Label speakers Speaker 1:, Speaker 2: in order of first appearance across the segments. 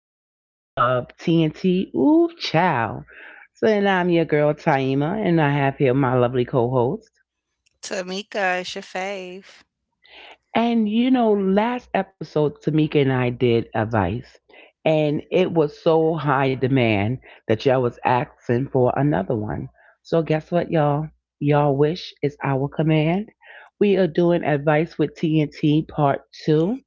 Speaker 1: episode of TNT. Ooh, child. So, and I'm your girl, Taima, and I have here my lovely co host.
Speaker 2: Tamika is your fave.
Speaker 1: And you know, last episode, Tamika and I did advice, and it was so high demand that y'all was asking for another one. So, guess what, y'all? Y'all wish is our command. We are doing advice with TNT part two.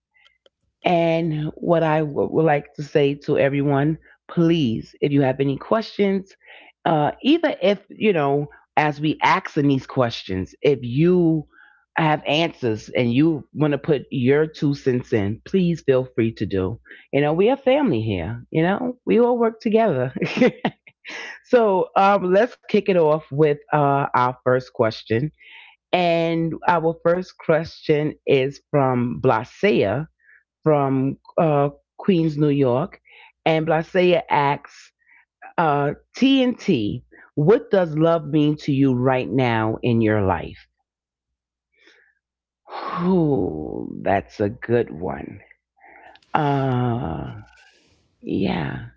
Speaker 1: And what I would like to say to everyone, please, if you have any questions, either if, you know, as we asking these questions, if you have answers and you want to put your two cents in, please feel free to do. You know, we are family here, you know, we all work together. So let's kick it off with our first question. And our first question is from Blasea from Queens, New York. And Blasea asks uh, TNT, what does love mean to you right now in your life? Ooh, that's a good one. Uh, yeah,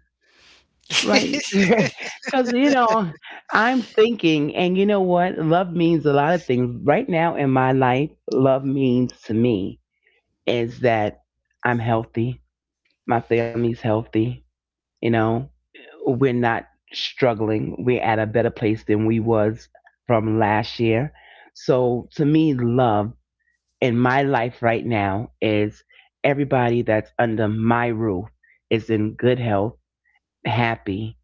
Speaker 1: right. Because, you know, I'm thinking, and you know what? Love means a lot of things. Right now in my life, love means to me is that I'm healthy, my family's healthy, you know, we're not struggling. We're at a better place than we was from last year. So to me, love in my life right now is everybody that's under my roof is in good health, happy,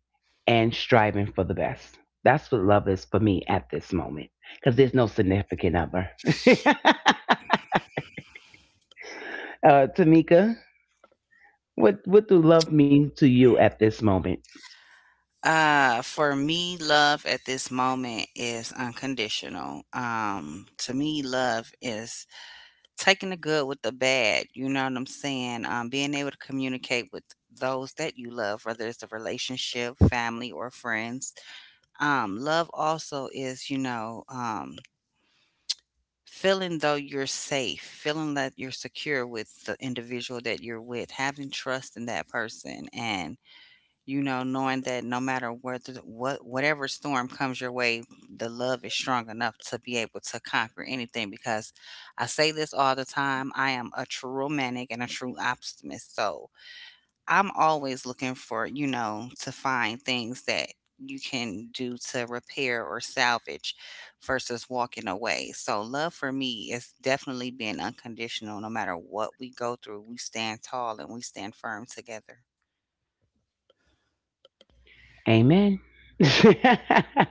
Speaker 1: and striving for the best. That's what love is for me at this moment. Because there's no significant other. Tamika, what do love mean to you at this moment?
Speaker 2: For me, love at this moment is unconditional. To me, love is taking the good with the bad. You know what I'm saying? Being able to communicate with those that you love, whether it's a relationship, family, or friends. Love also is feeling though you're safe, feeling that you're secure with the individual that you're with, having trust in that person, and, you know, knowing that no matter whatever storm comes your way, the love is strong enough to be able to conquer anything. Because I say this all the time, I am a true romantic and a true optimist. So I'm always looking for to find things that you can do to repair or salvage versus walking away. So love for me is definitely being unconditional. No matter what we go through, we stand tall and we stand firm together.
Speaker 1: Amen.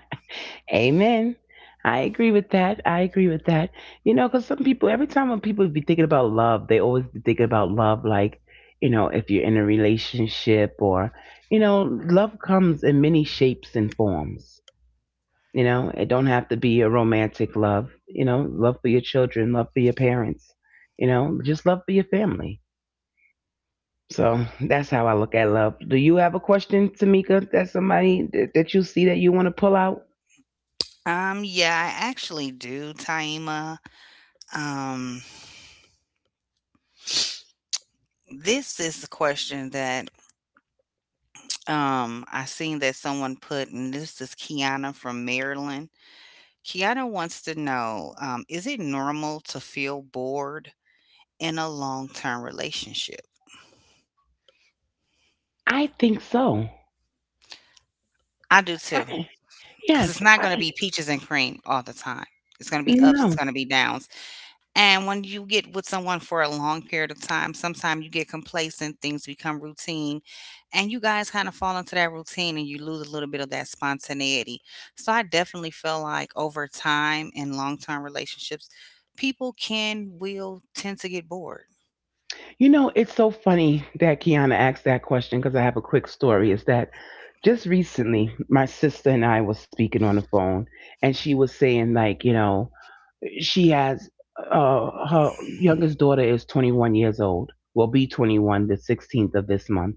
Speaker 1: Amen. I agree with that. I agree with that. You know, because some people, every time when people be thinking about love, they always be thinking about love like, you know, if you're in a relationship or, you know, love comes in many shapes and forms. You know, it don't have to be a romantic love. You know, love for your children, love for your parents. You know, just love for your family, so that's how I look at love. Do you have a question, Tamika, that somebody that you see that you want to pull out?
Speaker 2: Yeah, I actually do, Taima. Um, this is the question that I seen that someone put, and this is Kiana from Maryland. Kiana wants to know, is it normal to feel bored in a long-term relationship?
Speaker 1: I think so.
Speaker 2: I do too,
Speaker 1: I,
Speaker 2: because it's
Speaker 1: yes.
Speaker 2: not
Speaker 1: I,
Speaker 2: going to be peaches and cream all the time. It's going to be ups, it's
Speaker 1: no.
Speaker 2: going to be downs. And when you get with someone for a long period of time, sometimes you get complacent, things become routine, and you guys kind of fall into that routine and you lose a little bit of that spontaneity. So I definitely feel like over time in long term relationships, people can, will tend to get bored.
Speaker 1: You know, it's so funny that Kiana asked that question because I have a quick story. Is that just recently my sister and I was speaking on the phone and she was saying like, you know, she has her youngest daughter is 21 years old, will be 21 the 16th of this month,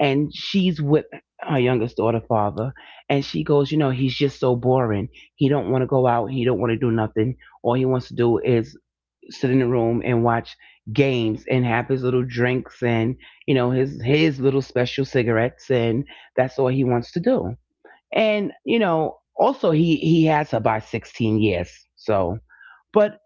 Speaker 1: and she's with her youngest daughter father, and she goes, you know, he's just so boring, he don't want to go out, he don't want to do nothing, all he wants to do is sit in the room and watch games and have his little drinks and, you know, his little special cigarettes, and that's all he wants to do. And you know also he has her by 16 years, so but.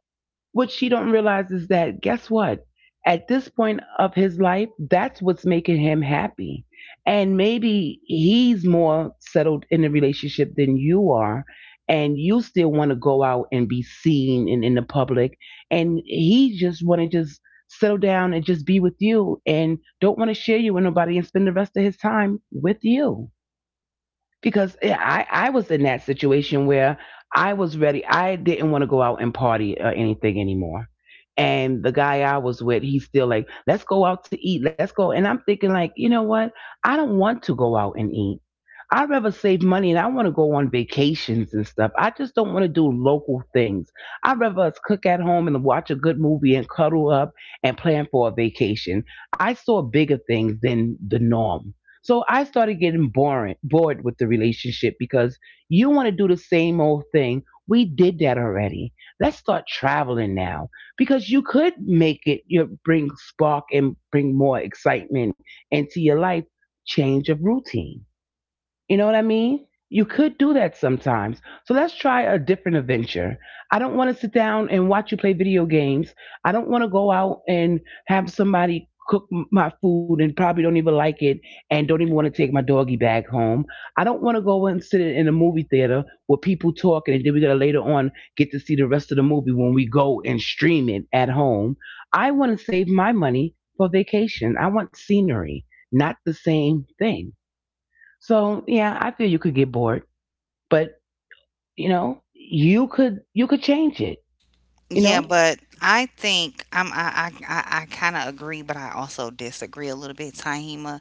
Speaker 1: What she don't realize is that guess what? At this point of his life, that's what's making him happy. And maybe he's more settled in the relationship than you are. And you still want to go out and be seen and in the public. And he just want to just settle down and just be with you and don't want to share you with nobody and spend the rest of his time with you, because yeah, I was in that situation where I was ready. I didn't want to go out and party or anything anymore. And the guy I was with, he's still like, "Let's go out to eat. Let's go." And I'm thinking like, you know what? I don't want to go out and eat. I'd rather save money and I want to go on vacations and stuff. I just don't want to do local things. I'd rather us cook at home and watch a good movie and cuddle up and plan for a vacation. I saw bigger things than the norm. So I started getting boring, bored with the relationship because you want to do the same old thing. We did that already. Let's start traveling now because you could make it, you know, bring spark and bring more excitement into your life. Change of routine. You know what I mean? You could do that sometimes. So let's try a different adventure. I don't want to sit down and watch you play video games. I don't want to go out and have somebody cook my food and probably don't even like it and don't even want to take my doggy bag home. I don't want to go and sit in a movie theater where people talking and then we got to later on get to see the rest of the movie when we go and stream it at home. I want to save my money for vacation. I want scenery, not the same thing. So yeah, I feel you could get bored, but you know, you could change it. You
Speaker 2: Yeah,
Speaker 1: know,
Speaker 2: but I think I kind of agree, but I also disagree a little bit, Tahima,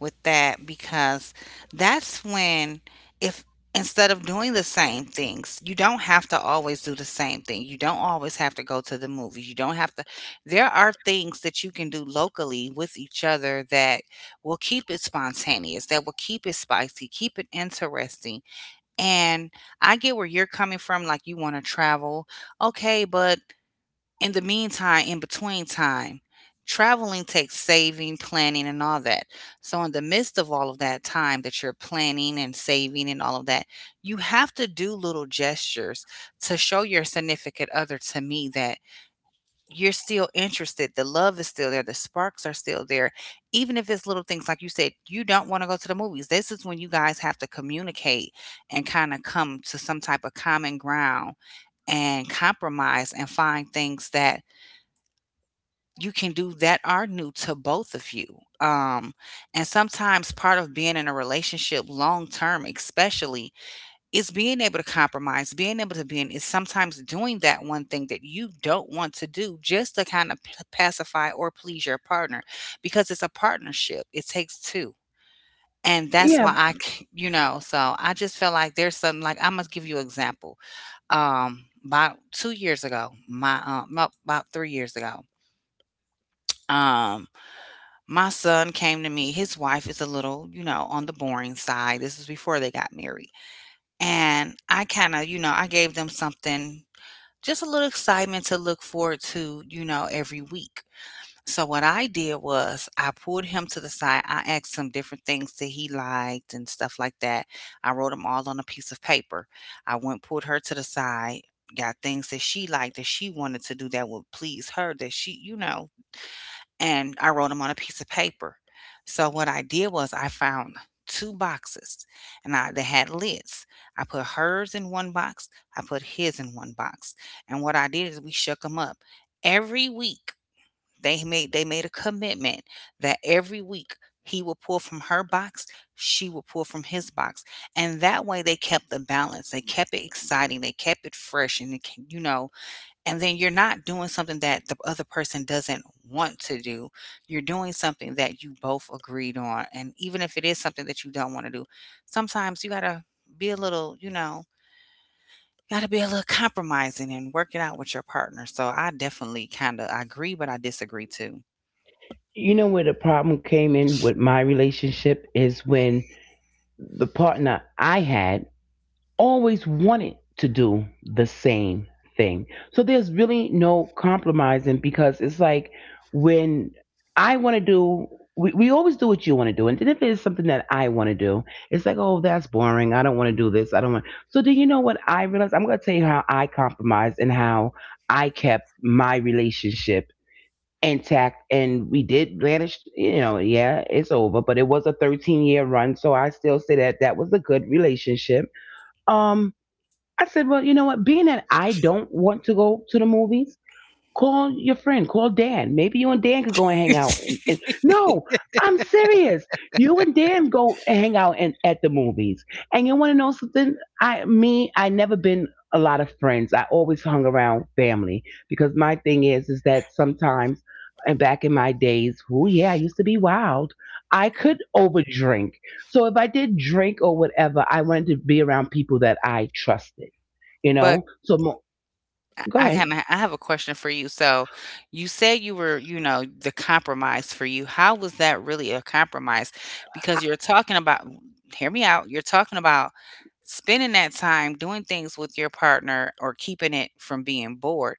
Speaker 2: with that because that's when if instead of doing the same things, you don't have to always do the same thing. You don't always have to go to the movies. You don't have to. There are things that you can do locally with each other that will keep it spontaneous, that will keep it spicy, keep it interesting. And I get where you're coming from, like you want to travel okay, but in the meantime, in between time, traveling takes saving, planning, and all that. So, in the midst of all of that time that you're planning and saving and all of that, you have to do little gestures to show your significant other to me that you're still interested. The love is still there. The sparks are still there. Even if it's little things, like you said, you don't want to go to the movies. This is when you guys have to communicate and kind of come to some type of common ground and compromise and find things that you can do that are new to both of you. And sometimes part of being in a relationship long term, especially, is being able to compromise, being able to be in, is sometimes doing that one thing that you don't want to do just to kind of pacify or please your partner because it's a partnership. It takes two. And that's why
Speaker 1: yeah.
Speaker 2: I, so I just feel like there's something like I must give you an example. About 2 years ago, my, about 3 years ago, um. My son came to me. His wife is a little, you know, on the boring side. This was before they got married. And I kind of, you know, I gave them something, just a little excitement to look forward to, you know, every week. So what I did was I pulled him to the side. I asked him different things that he liked and stuff like that. I wrote them all on a piece of paper. I went, pulled her to the side, got things that she liked that she wanted to do that would please her, that she, you know, and I wrote them on a piece of paper. So what I did was I found two boxes and I, they had lids. I put hers in one box, I put his in one box. And what I did is we shook them up. Every week they made a commitment that every week he would pull from her box, she would pull from his box. And that way they kept the balance. They kept it exciting, they kept it fresh and it, ke- you know and then you're not doing something that the other person doesn't want to do. You're doing something that you both agreed on. And even if it is something that you don't want to do, sometimes you got to be a little, you know, got to be a little compromising and work it out with your partner. So I definitely kind of I agree, but I disagree too.
Speaker 1: You know where the problem came in with my relationship is when the partner I had always wanted to do the same thing. So there's really no compromising because it's like when I want to do, we always do what you want to do. And then if it is something that I want to do, it's like, oh, that's boring. I don't want to do this. I don't want. So then you know what I realized? I'm going to tell you how I compromised and how I kept my relationship intact, and we did vanish, you know, yeah, it's over, but it was a 13-year run, so I still say that that was a good relationship. Um. I said, well, you know what? Being that I don't want to go to the movies, call your friend. Call Dan. Maybe you and Dan could go and hang out. And no, I'm serious. You and Dan go and hang out and, at the movies. And you want to know something? I, me, I never been a lot of friends. I always hung around family because my thing is that sometimes, and back in my days, oh yeah, I used to be wild. I could overdrink. So if I did drink or whatever, I wanted to be around people that I trusted. You
Speaker 2: But
Speaker 1: know. So
Speaker 2: I
Speaker 1: go
Speaker 2: I
Speaker 1: ahead.
Speaker 2: kinda I have a question for you. So, you said you were, you know, the compromise for you. How was that really a compromise? Because you're talking about hear me out. You're talking about spending that time doing things with your partner or keeping it from being bored.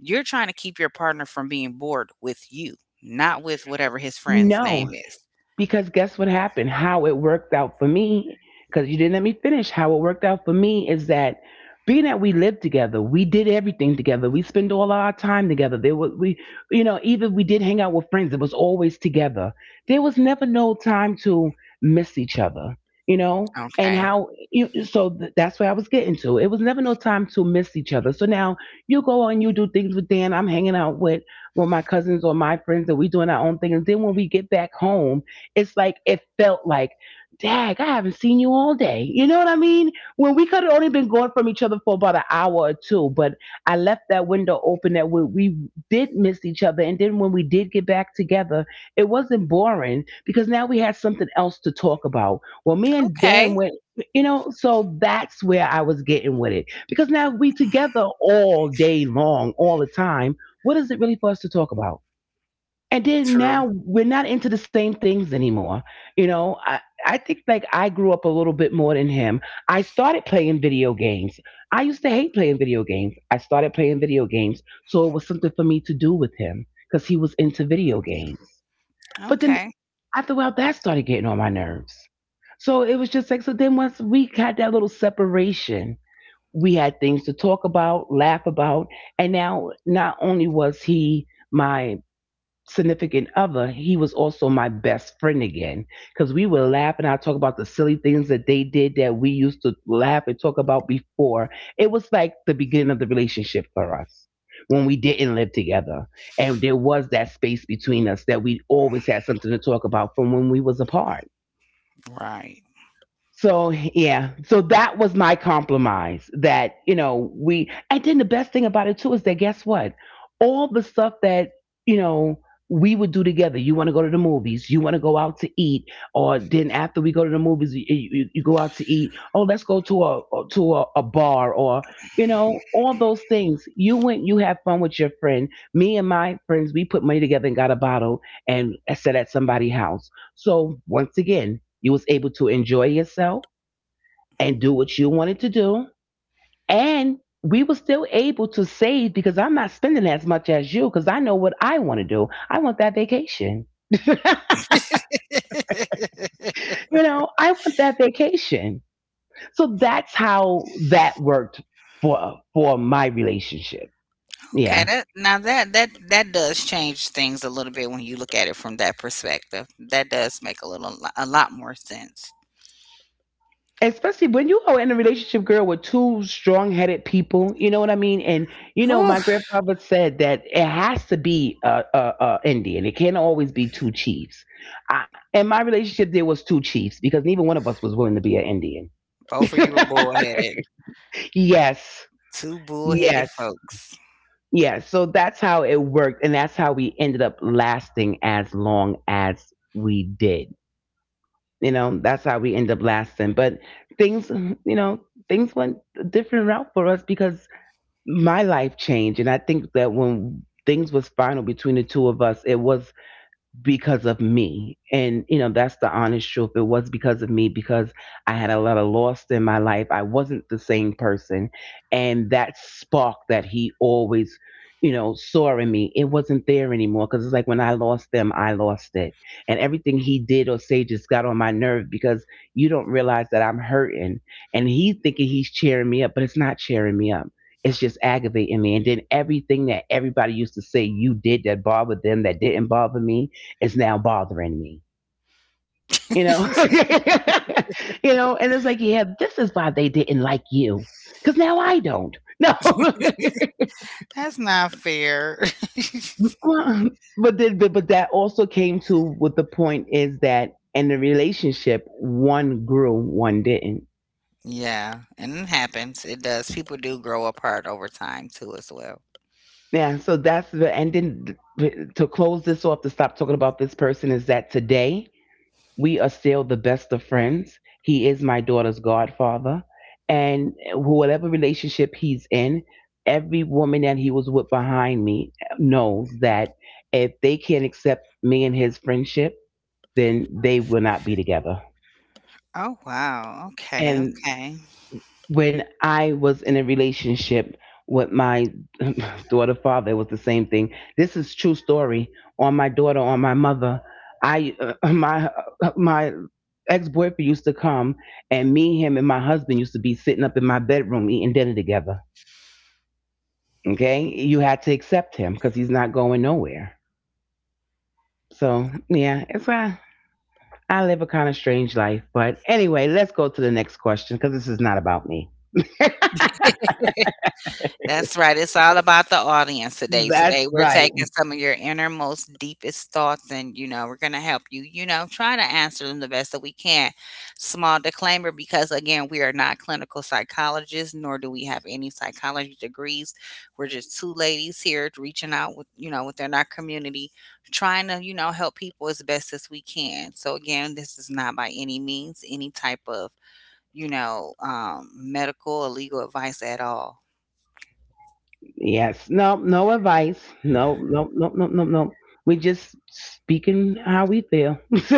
Speaker 2: You're trying to keep your partner from being bored with you, not with whatever his friend's
Speaker 1: No.
Speaker 2: name is.
Speaker 1: Because guess what happened? How it worked out for me, because you didn't let me finish. How it worked out for me is that being that we lived together, we did everything together. We spent all our time together. There was we, you know, even we did hang out with friends. It was always together. There was never no time to miss each other. You know, and
Speaker 2: Okay.
Speaker 1: how you so that's where I was getting to. It was never no time to miss each other. So now you go and you do things with Dan. I'm hanging out with my cousins or my friends, and we doing our own thing. And then when we get back home it's like it felt like, dag, I haven't seen you all day. You know what I mean? When we could have only been gone from each other for about an hour or two, but I left that window open that we did miss each other. And then when we did get back together, it wasn't boring because now we had something else to talk about. Well, me and Dan
Speaker 2: Okay.
Speaker 1: went, you know, so that's where I was getting with it because now we together all day long, all the time. What is it really for us to talk about? And then
Speaker 2: True.
Speaker 1: now we're not into the same things anymore. You know, I think like I grew up a little bit more than him. I started playing video games. I used to hate playing video games. I started playing video games so it was something for me to do with him because he was into video games. But then
Speaker 2: Okay.
Speaker 1: after a while that started getting on my nerves, so it was just like, so then once we had that little separation, we had things to talk about, laugh about. And now not only was he my significant other, he was also my best friend again. Because we would laugh and I talk about the silly things that they did that we used to laugh and talk about before. It was like the beginning of the relationship for us when we didn't live together and there was that space between us that we always had something to talk about from when we was apart.
Speaker 2: Right.
Speaker 1: So yeah, so that was my compromise. That you know we, and then the best thing about it too is that guess what? All the stuff that, you know, we would do together. You want to go to the movies. You want to go out to eat, or then after we go to the movies, you go out to eat. Oh, let's go to a a bar, or you know all those things. You went, you have fun with your friend. Me and my friends, we put money together and got a bottle and I sat at somebody's house. So once again, you was able to enjoy yourself and do what you wanted to do. And we were still able to save because I'm not spending as much as you because I know what I want to do. I want that vacation. You know, I want that vacation. So that's how that worked for my relationship.
Speaker 2: Okay,
Speaker 1: Yeah.
Speaker 2: that now that that that does change things a little bit when you look at it from that perspective. That does make a lot more sense.
Speaker 1: Especially when you are in a relationship, girl, with two strong-headed people, you know what I mean? And you know,
Speaker 2: Whew,
Speaker 1: my grandfather said that it has to be a, a Indian, it can't always be two chiefs. I, in my relationship there was two chiefs because neither one of us was willing to be an Indian.
Speaker 2: both of you are bullheaded.
Speaker 1: Yes.
Speaker 2: Two bullheaded
Speaker 1: Yes.
Speaker 2: folks.
Speaker 1: Yes, so that's how it worked, and that's how we ended up lasting as long as we did. You know, that's how we end up lasting. But things, you know, things went a different route for us because my life changed. And I think that when things was final between the two of us, it was because of me. And, you know, that's the honest truth. It was because of me because I had a lot of loss in my life. I wasn't the same person. And that spark that he always, you know, saw in me, it wasn't there anymore. Because it's like when I lost them, I lost it. And everything he did or say just got on my nerve because you don't realize that I'm hurting. And he's thinking he's cheering me up, but it's not cheering me up. It's just aggravating me. And then everything that everybody used to say you did that bothered them, that didn't bother me, is now bothering me. You know, you know, and it's like, yeah, this is why they didn't like you, because now I don't. No.
Speaker 2: That's not fair.
Speaker 1: Well, but then, but that also came to with the point is that in the relationship, one grew, one didn't.
Speaker 2: Yeah, and it happens. It does. People do grow apart over time too, as well.
Speaker 1: Yeah, so that's the, and then, to close this off, to stop talking about this person, is that today we are still the best of friends. He is my daughter's godfather. And whatever relationship he's in, every woman that he was with behind me knows that if they can't accept me and his friendship, then they will not be together.
Speaker 2: Oh wow. Okay.
Speaker 1: And
Speaker 2: Okay.
Speaker 1: when I was in a relationship with my daughter father, it was the same thing. This is true story, on my daughter, on my mother. I my my ex boyfriend used to come, and me, him, and my husband used to be sitting up in my bedroom eating dinner together. Okay, you had to accept him because he's not going nowhere. So yeah, it's a, I live a kind of strange life, but anyway, let's go to the next question because this is not about me.
Speaker 2: That's right. It's all about the audience today.
Speaker 1: That's
Speaker 2: Today, we're
Speaker 1: right.
Speaker 2: taking some of your innermost, deepest thoughts, and, you know, we're going to help you try to answer them the best that we can. Small disclaimer because, again, we are not clinical psychologists, nor do we have any psychology degrees. We're just two ladies here reaching out with within our community, trying to help people as best as we can. So, again, this is not by any means any type of medical or legal advice at all.
Speaker 1: Yes. No, no advice. No, no, no, no, no, no. We just speaking how we feel.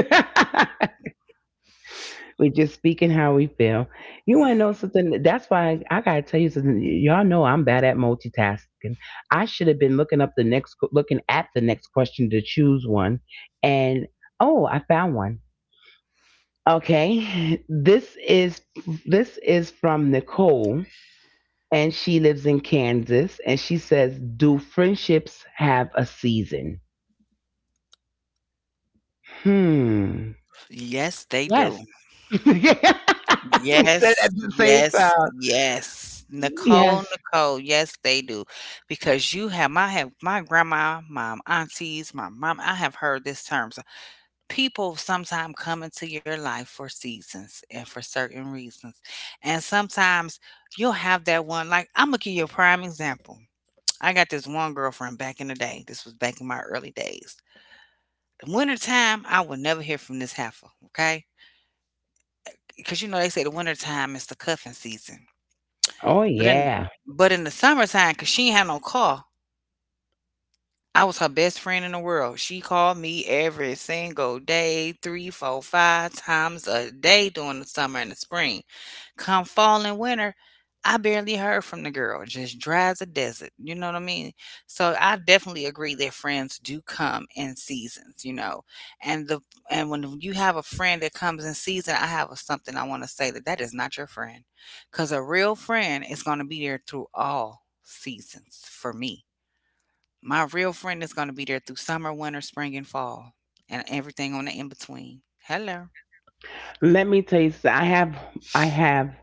Speaker 1: We just speaking how we feel. You want to know something? That's why I got to tell you something. Y'all know I'm bad at multitasking. I should have been looking up the next, looking at the next question to choose one. And oh, I found one. Okay. This is from Nicole, and she lives in Kansas. And she says, do friendships have a season? Hmm.
Speaker 2: Yes, they
Speaker 1: Yes.
Speaker 2: do.
Speaker 1: We said
Speaker 2: Yes,
Speaker 1: at the same
Speaker 2: yes,
Speaker 1: time.
Speaker 2: yes. Nicole,
Speaker 1: Yes.
Speaker 2: Nicole, yes, they do. Because you have my grandma, my aunties, my mom, I have heard this term. So people sometimes come into your life for seasons and for certain reasons. And sometimes you'll have that one, like I'm gonna give you a prime example. I got this one girlfriend back in the day. This was back in my early days. In wintertime, I would never hear from this heifer. Okay. 'Cause, you know, they say the wintertime is the cuffing season,
Speaker 1: Oh
Speaker 2: but in
Speaker 1: yeah.
Speaker 2: but in the summertime, cause she ain't had no car. I was her best friend in the world. She called me every single day, 3, 4, 5 times a day during the summer and the spring. Come fall and winter, I barely heard from the girl, just dry as a desert. You know what I mean? So I definitely agree that friends do come in seasons, you know. And the and when you have a friend that comes in season, something I want to say that that is not your friend, because a real friend is going to be there through all seasons for me. My real friend is going to be there through summer, winter, spring, and fall, and everything on the in between. Hello.
Speaker 1: Let me tell you something. I have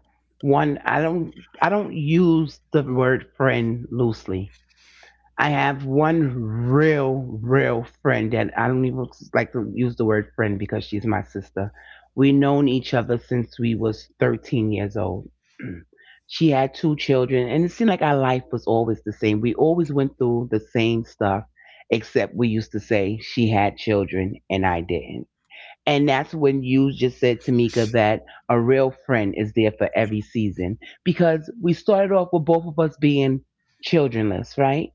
Speaker 1: one, I don't use the word friend loosely. I have one real, real friend that I don't even like to use the word friend because she's my sister. We known each other since we was 13 years old. She had two children, and it seemed like our life was always the same. We always went through the same stuff, except we used to say she had children and I didn't. And that's when you just said, Tamika, that a real friend is there for every season, because we started off with both of us being childrenless, right?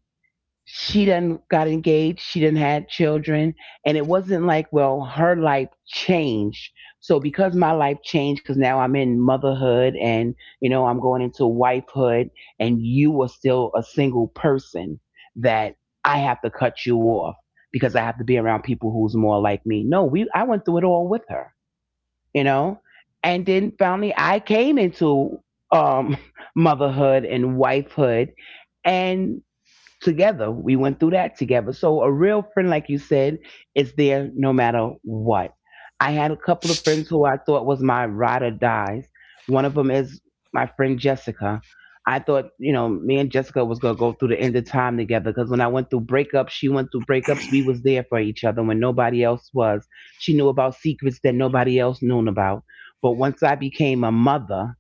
Speaker 1: She done got engaged, she didn't had children, and it wasn't like, well, her life changed, so because my life changed, because now I'm in motherhood and, you know, I'm going into wifehood, and you were still a single person, that I have to cut you off because I have to be around people who's more like me. No, we, I went through it all with her, you know. And then finally I came into um motherhood and wifehood and together. We went through that together. So a real friend, like you said, is there no matter what. I had a couple of friends who I thought was my ride or dies. One of them is my friend Jessica. I thought, you know, me and Jessica was gonna go through the end of time together because when I went through breakups, she went through breakups. We was there for each other when nobody else was. She knew about secrets that nobody else knew about. But once I became a mother,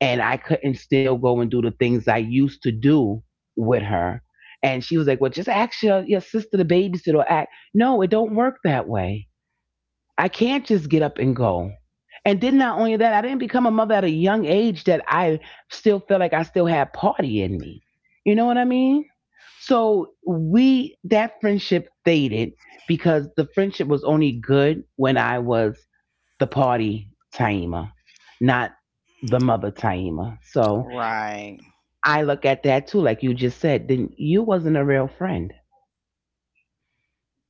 Speaker 1: and I couldn't still go and do the things I used to do with her. And she was like, "Well, just ask your sister to babysit or act." No, it don't work that way. I can't just get up and go. And then not only that, I didn't become a mother at a young age that I still felt like I still had party in me. You know what I mean? So we, that friendship faded because the friendship was only good when I was the party Taima, not the mother Taima. So
Speaker 2: Right.
Speaker 1: I look at that too, like you just said, then you wasn't a real friend.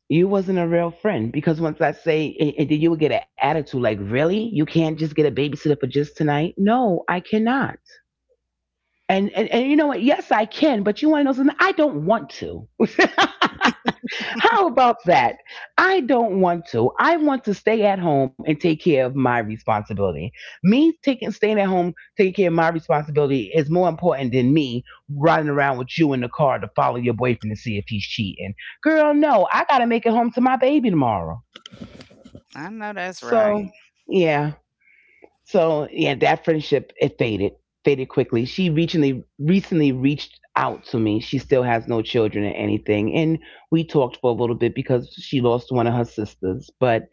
Speaker 1: You wasn't a real friend. Because once I say, and then you would get an attitude like, really? You can't just get a babysitter for just tonight? No, I cannot. And, and you know what? Yes, I can, but you want to know something? I don't want to. How about that? I don't want to. I want to stay at home and take care of my responsibility. Me taking staying at home, taking care of my responsibility is more important than me riding around with you in the car to follow your boyfriend to see if he's cheating. Girl, no, I gotta make it home to my baby tomorrow.
Speaker 2: I know that's
Speaker 1: So
Speaker 2: right.
Speaker 1: yeah. So yeah, that friendship it faded, faded quickly. She recently reached out to me. She still has no children or anything, and we talked for a little bit because she lost one of her sisters. But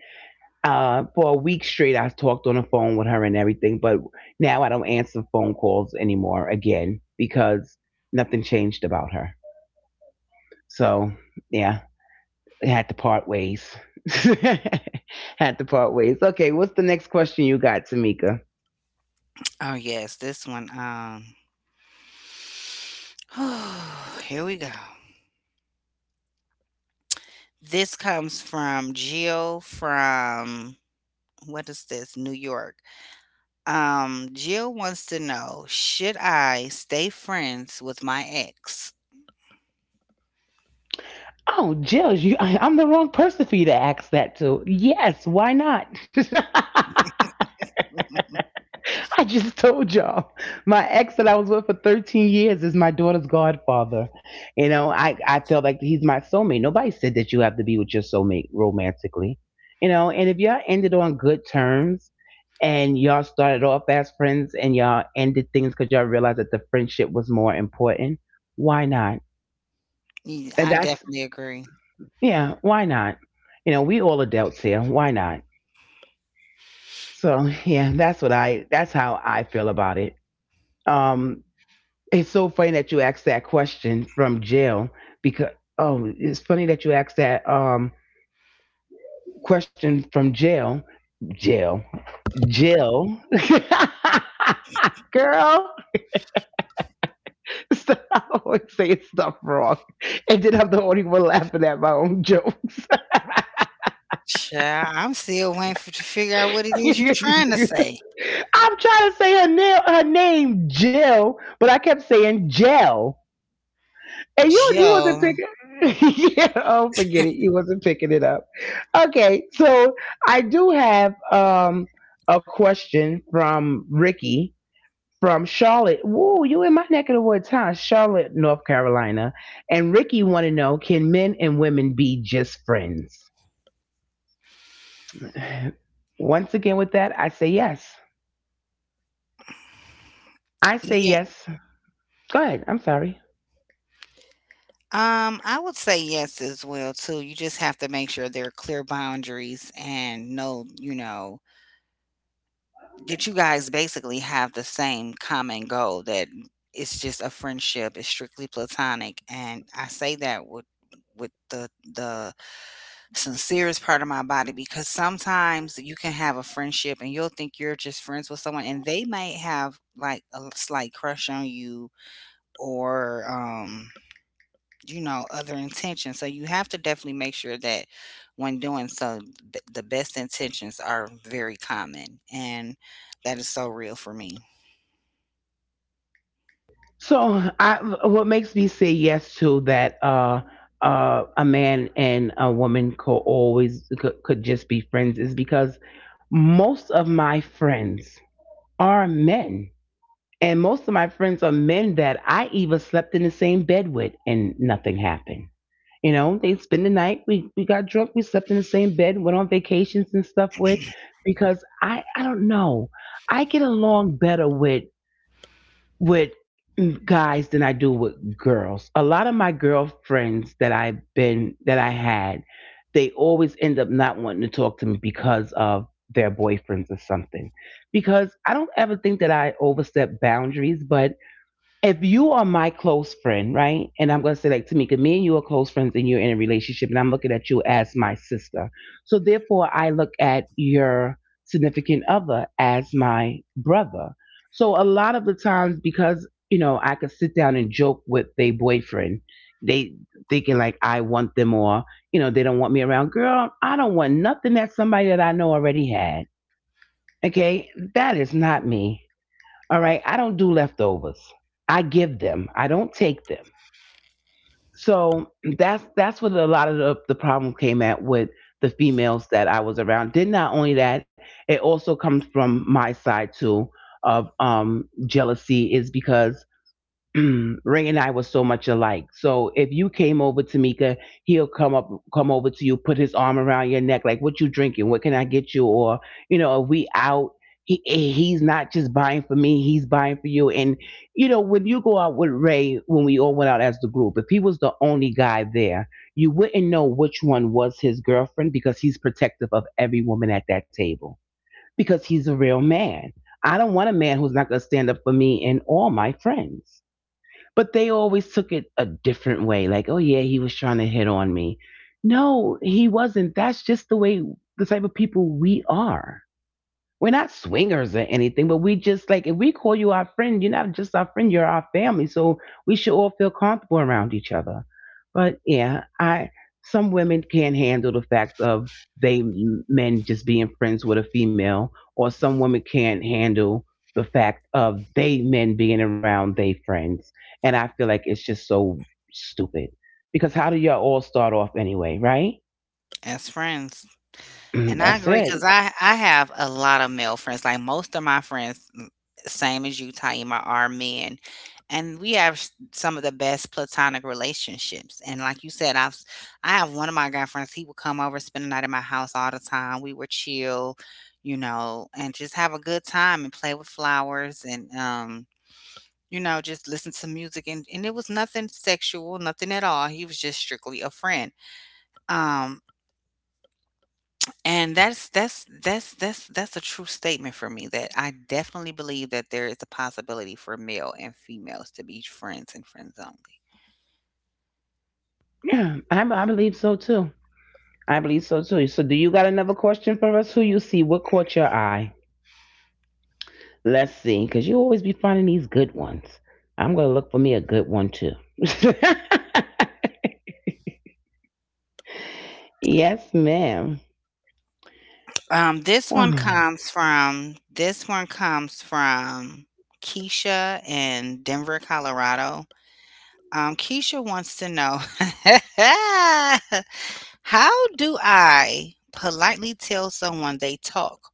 Speaker 1: for a week straight, I talked on the phone with her and everything. But now I don't answer phone calls anymore again because nothing changed about her. So yeah, I had to part ways. Had to part ways. Okay, what's the next question you got, Tamika?
Speaker 2: Oh, yes. This one. Here we go. This comes from Jill from what is this? New York. Jill wants to know, should I stay friends with my ex?
Speaker 1: Oh, Jill, you, I'm the wrong person for you to ask that to. Yes, why not? I just told y'all my ex that I was with for 13 years is my daughter's godfather. You know, I felt like he's my soulmate. Nobody said that you have to be with your soulmate romantically. You know, and if y'all ended on good terms and y'all started off as friends and y'all ended things because y'all realized that the friendship was more important, why not?
Speaker 2: Mm,
Speaker 1: And
Speaker 2: I
Speaker 1: that's,
Speaker 2: definitely agree.
Speaker 1: yeah, why not? You know, we all adults here. Why not? So yeah, that's what I, that's how I feel about it. Um it's so funny that you asked that question from Jail, because, oh, it's funny that you asked that question from Jail. Jail. Jail. Girl, so I always say stuff wrong, and then I'm the only one laughing at my own jokes.
Speaker 2: Child, I'm still waiting for to figure out what it is you're trying to
Speaker 1: I'm
Speaker 2: say.
Speaker 1: trying to say her name Jill, but I kept saying Jell. And you
Speaker 2: Joe.
Speaker 1: wasn't picking. Yeah, oh, forget it. You wasn't picking it up. Okay, so I do have a question from Ricky from Charlotte. Woo, you in my neck of the woods, huh? Charlotte, North Carolina. And Ricky want to know, can men and women be just friends? Once again, with that, I say yes. I say
Speaker 2: Yeah.
Speaker 1: yes. Go ahead. I'm sorry.
Speaker 2: I would say yes as well too. You just have to make sure there are clear boundaries and know that you guys basically have the same common goal that it's just a friendship, it's strictly platonic. And I say that with the sincerest part of my body because sometimes you can have a friendship and you'll think you're just friends with someone and they might have like a slight crush on you or you know, other intentions. So you have to definitely make sure that when doing so, the best intentions are very common. And that is so real for me
Speaker 1: So, I, what makes me say yes to that? A man and a woman could always could just be friends is because most of my friends are men, and most of my friends are men that I even slept in the same bed with, and nothing happened. You know, they spend the night. We got drunk. We slept in the same bed. Went on vacations and stuff with, because I don't know. I get along better with guys than I do with girls. A lot of my girlfriends that I've been that I had, they always end up not wanting to talk to me because of their boyfriends or something. Because I don't ever think that I overstep boundaries, but if you are my close friend, right? And I'm going to say, like, Tamika, me and you are close friends and you're in a relationship, and I'm looking at you as my sister. So, therefore, I look at your significant other as my brother. So, a lot of the times, because, you know, I could sit down and joke with their boyfriend, they thinking like I want them, or you know, they don't want me around. Girl, I don't want nothing that somebody that I know already had. Okay. That is not me. All right. I don't do leftovers. I give them. I don't take them. So that's what a lot of the problem came at with the females that I was around. Did not only that, it also comes from my side too of jealousy is because Ray and I were so much alike. So if you came over, Tamika, he'll come over to you, put his arm around your neck, like, "What you drinking? What can I get you?" Or you know, if we out, he's not just buying for me; he's buying for you. And you know, when you go out with Ray, when we all went out as the group, if he was the only guy there, you wouldn't know which one was his girlfriend because he's protective of every woman at that table because he's a real man. I don't want a man who's not going to stand up for me and all my friends. But they always took it a different way. Like, oh, yeah, he was trying to hit on me. No, he wasn't. That's just the type of people we are. We're not swingers or anything, but we just like if we call you our friend, you're not just our friend, you're our family. So we should all feel comfortable around each other. But yeah, I some women can't handle the fact of they men just being friends with a female, or some women can't handle the fact of they men being around they friends. And I feel like it's just so stupid because how do y'all all start off anyway, right?
Speaker 2: as friends. And I
Speaker 1: That's
Speaker 2: agree because
Speaker 1: it.
Speaker 2: I have a lot of male friends. Like most of my friends, same as you, Taima, are men, and we have some of the best platonic relationships. And like you said, I have one of my guy friends. He would come over, spend the night at my house all the time. We were chill, you know, and just have a good time and play with flowers and. You know, just listen to music and it was nothing sexual, nothing at all. He was just strictly a friend. Um, and that's a true statement for me that I definitely believe that there is a possibility for male and females to be friends and friends only.
Speaker 1: Yeah, I believe so too. I believe so too. So, do you got another question for us? Who you see? What caught your eye? Let's see, because you always be finding these good ones. I'm going to look for me a good one too. Yes, ma'am.
Speaker 2: This one
Speaker 1: Wow.
Speaker 2: comes from Keisha in Denver, Colorado. Keisha wants to know how do I politely tell someone they talk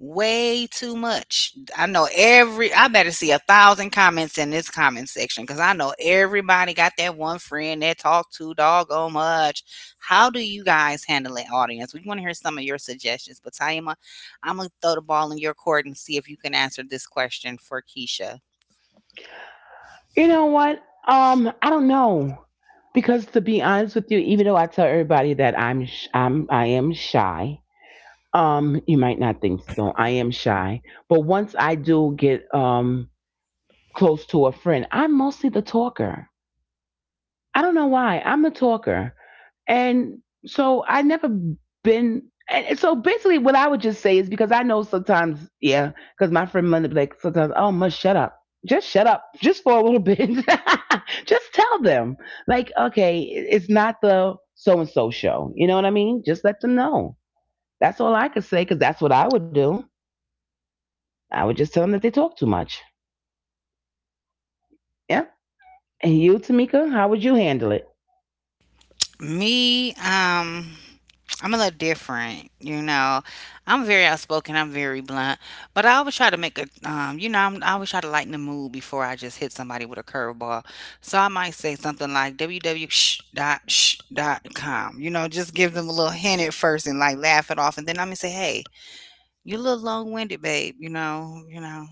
Speaker 2: way too much. I know every I better see 1,000 comments in this comment section because I know everybody got that one friend that talk too doggone much. How do you guys handle an audience? We want to hear some of your suggestions, but Taima, I'm gonna throw the ball in your court and see if you can answer this question for Keisha.
Speaker 1: You know what? I don't know. Because to be honest with you, even though I tell everybody that I'm, sh- I'm I am shy, you might not think so. I am shy, but once I do get close to a friend, I'm mostly the talker. I don't know why. I'm a talker. And so I never been and so basically what I would just say is because I know sometimes, yeah, because my friend Linda be like sometimes, oh must shut up. Just shut up. Just for a little bit. Just tell them. Like, okay, it's not the so and so show. You know what I mean? Just let them know. That's all I could say because that's what I would do. I would just tell them that they talk too much. Yeah. And you, Tamika, how would you handle it?
Speaker 2: Me, I'm a little different, you know. I'm very outspoken. I'm very blunt, but I always try to make a, you know, I always try to lighten the mood before I just hit somebody with a curveball. So I might say something like www.sh.com, you know, just give them a little hint at first and like laugh it off, and then I'm gonna say, hey, you're a little long winded, babe. You know,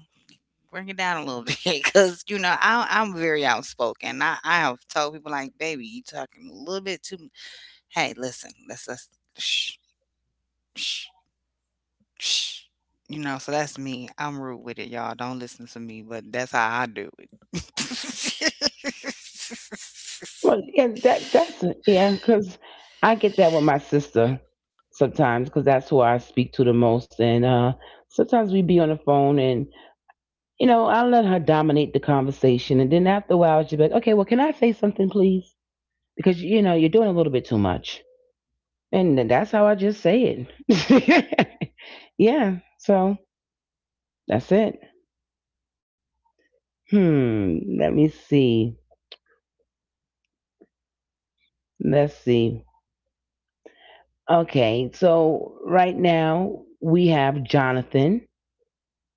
Speaker 2: bring it down a little bit, because you know, I'm very outspoken. I have told people like, baby, you talking a little bit too. Hey, listen, let's shh, shh, shh. You know, so that's me. I'm rude with it, y'all. Don't listen to me, but that's how I do it.
Speaker 1: Well, yeah, because I get that with my sister sometimes, because that's who I speak to the most, and sometimes we be on the phone, and you know, I let her dominate the conversation, and then after a while, she'd be like, "Okay, well, can I say something, please?" Because you know, you're doing a little bit too much. And that's how I just say it. Yeah. So that's it. Hmm. Let me see. Let's see. Okay. So right now we have Jonathan,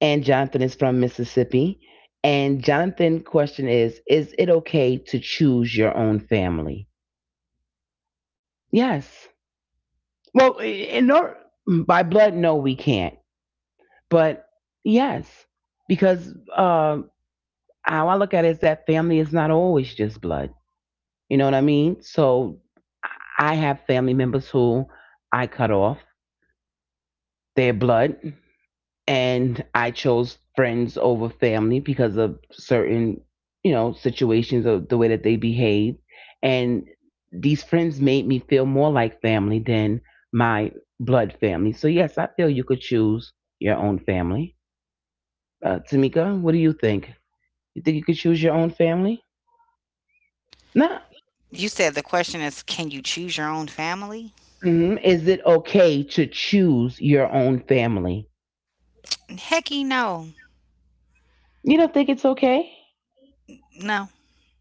Speaker 1: and Jonathan is from Mississippi. And Jonathan' question is it okay to choose your own family? Yes. Well, in or by blood, no, we can't. But yes, because how I look at it is that family is not always just blood. You know what I mean? So I have family members who I cut off their blood and I chose friends over family because of certain, you know, situations of the way that they behave. And these friends made me feel more like family than my blood family. So yes, I feel you could choose your own family. Tamika, what do you think? You think you could choose your own family? Nah.
Speaker 2: You said the question is, can you choose your own family?
Speaker 1: Mhm. Is it okay to choose your own family?
Speaker 2: Hecky no,
Speaker 1: You don't think it's okay?
Speaker 2: no.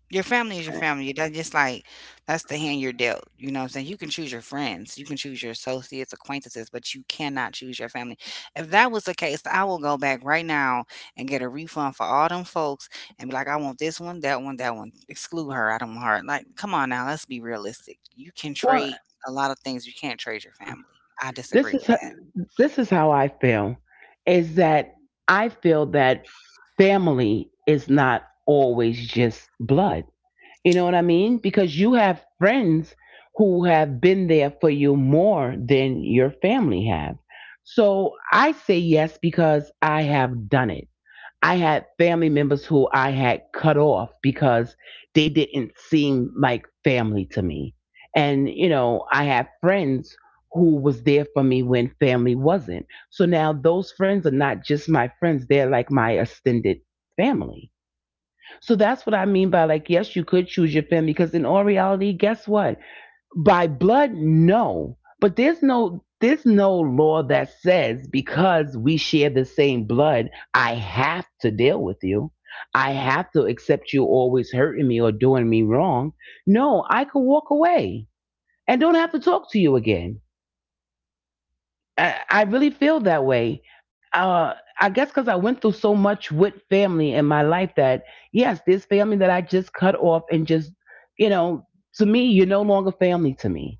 Speaker 2: Your family is your family. That's just like that's the hand you're dealt. You know what I'm saying? You can choose your friends, you can choose your associates, acquaintances, but you cannot choose your family. If that was the case, I will go back right now and get a refund for all them folks and be like, I want this one, that one, that one. Exclude her. I don't want her. Like, come on now, let's be realistic. You can
Speaker 1: Well,
Speaker 2: trade a lot of things, you can't trade your family. I
Speaker 1: this
Speaker 2: disagree
Speaker 1: is
Speaker 2: with
Speaker 1: ho-
Speaker 2: that.
Speaker 1: this is how I feel is that I feel that family is not always just blood. You know what I mean? Because you have friends who have been there for you more than your family have. So I say yes because I have done it. I had family members who I had cut off because they didn't seem like family to me. And, you know, I had friends who was there for me when family wasn't. So now those friends are not just my friends, they're like my extended family. So that's what I mean by like, yes, you could choose your family because in all reality, guess what? By blood, no. But there's no law that says because we share the same blood, I have to deal with you. I have to accept you always hurting me or doing me wrong. No, I could walk away and don't have to talk to you again. I really feel that way. Uh, I guess because I went through so much with family in my life that, yes, this family that I just cut off and just, you know, to me, you're no longer family to me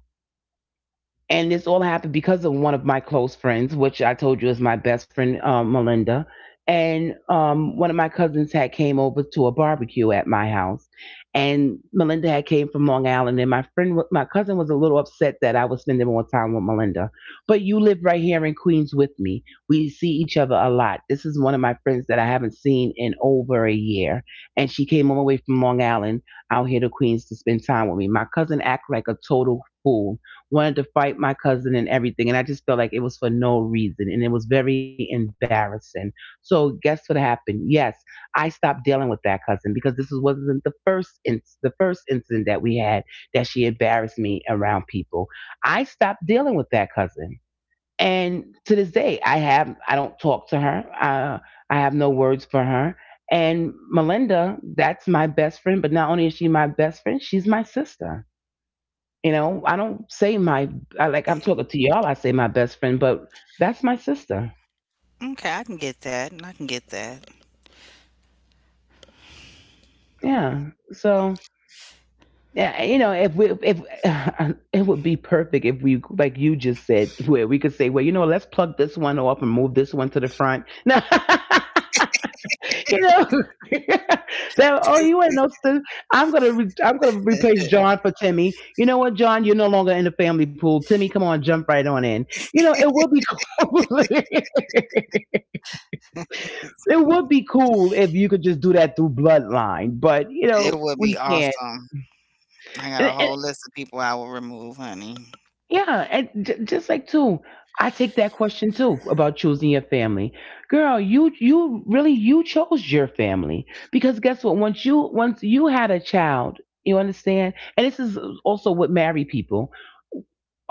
Speaker 1: and this all happened because of one of my close friends, which I told you is my best friend, Melinda. And one of my cousins had came over to a barbecue at my house, and Melinda had came from Long Island, and my cousin was a little upset that I was spending more time with Melinda. But you live right here in Queens with me. We see each other a lot. This is one of my friends that I haven't seen in over a year, and she came all the way from Long Island out here to Queens to spend time with me. My cousin acted like a total fool wanted to fight my cousin and everything. And I just felt like it was for no reason. And it was very embarrassing. So guess what happened? Yes, I stopped dealing with that cousin because this is- wasn't the first in, the first incident that we had that she embarrassed me around people. I stopped dealing with that cousin. And to this day, I don't talk to her. I have no words for her. And Melinda, that's my best friend. But not only is she my best friend, she's my sister. You know, I don't say my I, like I'm talking to y'all. I say my best friend, but that's my sister.
Speaker 2: Okay, I can get that. I can get that.
Speaker 1: Yeah. So yeah, you know, if we if it would be perfect if we like you just said where we could say, well, you know, let's plug this one off and move this one to the front. No. You know, so oh, you want to know something? I'm gonna replace John for Timmy. You know what, John? You're no longer in the family pool. Timmy, come on, jump right on in. You know, it will be cool. It would be cool if you could just do that through bloodline, but you
Speaker 2: It
Speaker 1: know
Speaker 2: would be
Speaker 1: we can't.
Speaker 2: awesome. I got a
Speaker 1: And, and,
Speaker 2: whole list of people I will remove, honey.
Speaker 1: Yeah, and just like too, I take that question too about choosing your family. Girl, you really you chose your family because guess what? Once you had a child, you understand. And this is also with married people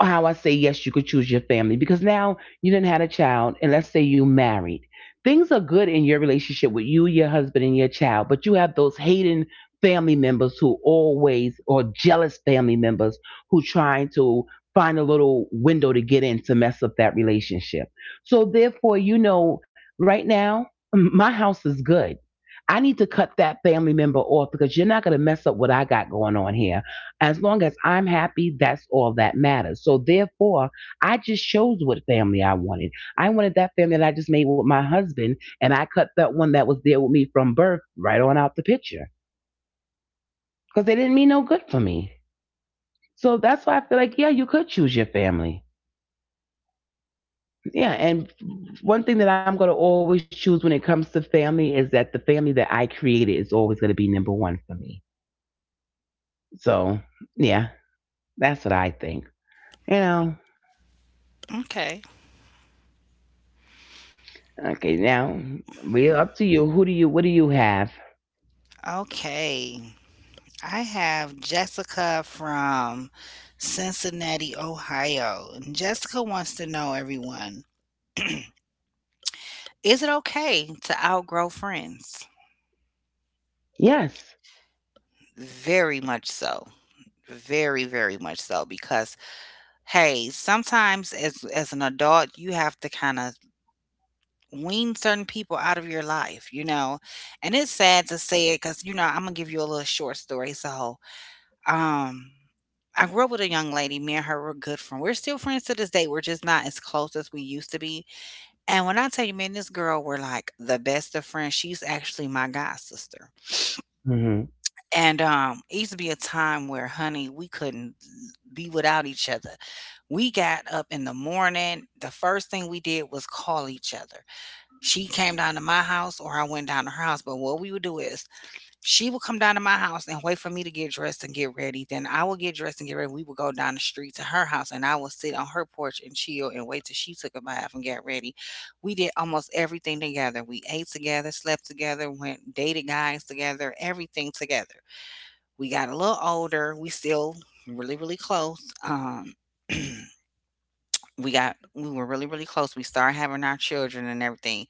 Speaker 1: how I say yes, you could choose your family because now you didn't had a child, and let's say you married. Things are good in your relationship with you, your husband, and your child, but you have those hating family members who always or jealous family members who trying to find a little window to get in to mess up that relationship. So therefore, right now my house is good. I need to cut that family member off because you're not going to mess up what I got going on here. As long as I'm happy, that's all that matters. So therefore, I just chose what family I wanted. I wanted that family that I just made with my husband, and I cut that one that was there with me from birth right on out the picture because they didn't mean no good for me. So that's why I feel like, yeah, you could choose your family. Yeah, and one thing that I'm going to always choose when it comes to family is that the family that I created is always going to be number one for me. So, yeah, that's what I think. You know,
Speaker 2: Okay.
Speaker 1: okay, now we're up to you. Who do you, what do you have?
Speaker 2: Okay, I have Jessica from Cincinnati, Ohio. And Jessica wants to know, everyone, is it okay to outgrow friends?
Speaker 1: Yes.
Speaker 2: Very much so. Very, very much so. Because, hey, sometimes as an adult, you have to kind of wean certain people out of your life, you know? And it's sad to say it because, you know, I'm gonna give you a little short story. So Um, I grew up with a young lady, me and her were good friends. We're still friends to this day, we're just not as close as we used to be, and when I tell you, me and this girl were, like, the best of friends, she's actually my god sister,
Speaker 1: Hmm.
Speaker 2: and, it used to be a time where, honey, we couldn't be without each other. We got up in the morning, the first thing we did was call each other. She came down to my house or I went down to her house, but what we would do is she will come down to my house and wait for me to get dressed and get ready. Then I will get dressed and get ready. We will go down the street to her house and I will sit on her porch and chill and wait till she took a bath and got ready. We did almost everything together. We ate together, slept together, went dated guys together, everything together. We got a little older. We still really, really close. We were really, really close. We started having our children and everything.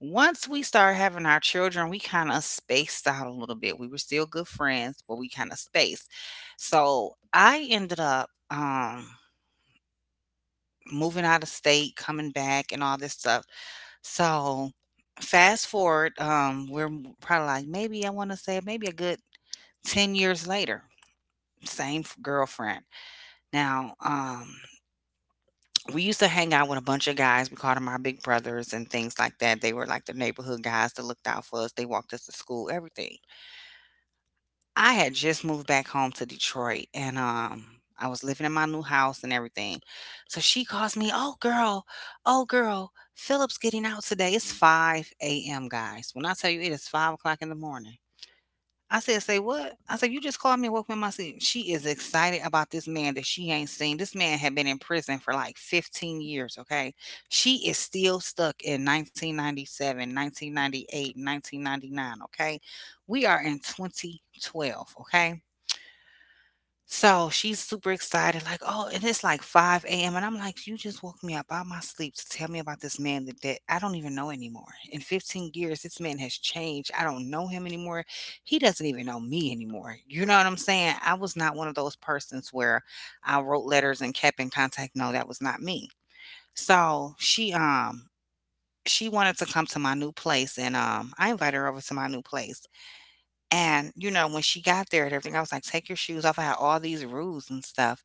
Speaker 2: Once we started having our children we kind of spaced out a little bit. We were still good friends but we kind of spaced. So I ended up moving out of state coming back and all this stuff. So fast forward, we're probably like maybe I want to say maybe a good 10 years later, same girlfriend now. We used to hang out with a bunch of guys. We called them our big brothers and things like that. They were like the neighborhood guys that looked out for us. They walked us to school, everything. I had just moved back home to Detroit and I was living in my new house and everything. So she calls me, oh girl, oh girl, Philip's getting out today. It's five AM guys. When I tell you it is 5 o'clock in the morning. I said, "Say what?" I said, "You just called me and woke me up in my sleep." She is excited about this man that she ain't seen. This man had been in prison for like 15 years, okay? She is still stuck in 1997, 1998, 1999. Okay? We are in 2012, okay? So, she's super excited, like, "Oh," and it's like 5 AM, and I'm like, "You just woke me up out of my sleep to tell me about this man that I don't even know anymore. In 15 years, this man has changed. I don't know him anymore. He doesn't even know me anymore." You know what I'm saying? I was not one of those persons where I wrote letters and kept in contact. No, that was not me. So, she wanted to come to my new place, and, I invited her over to my new place, and, you know, when she got there and everything, I was like, "Take your shoes off." I had all these rules and stuff.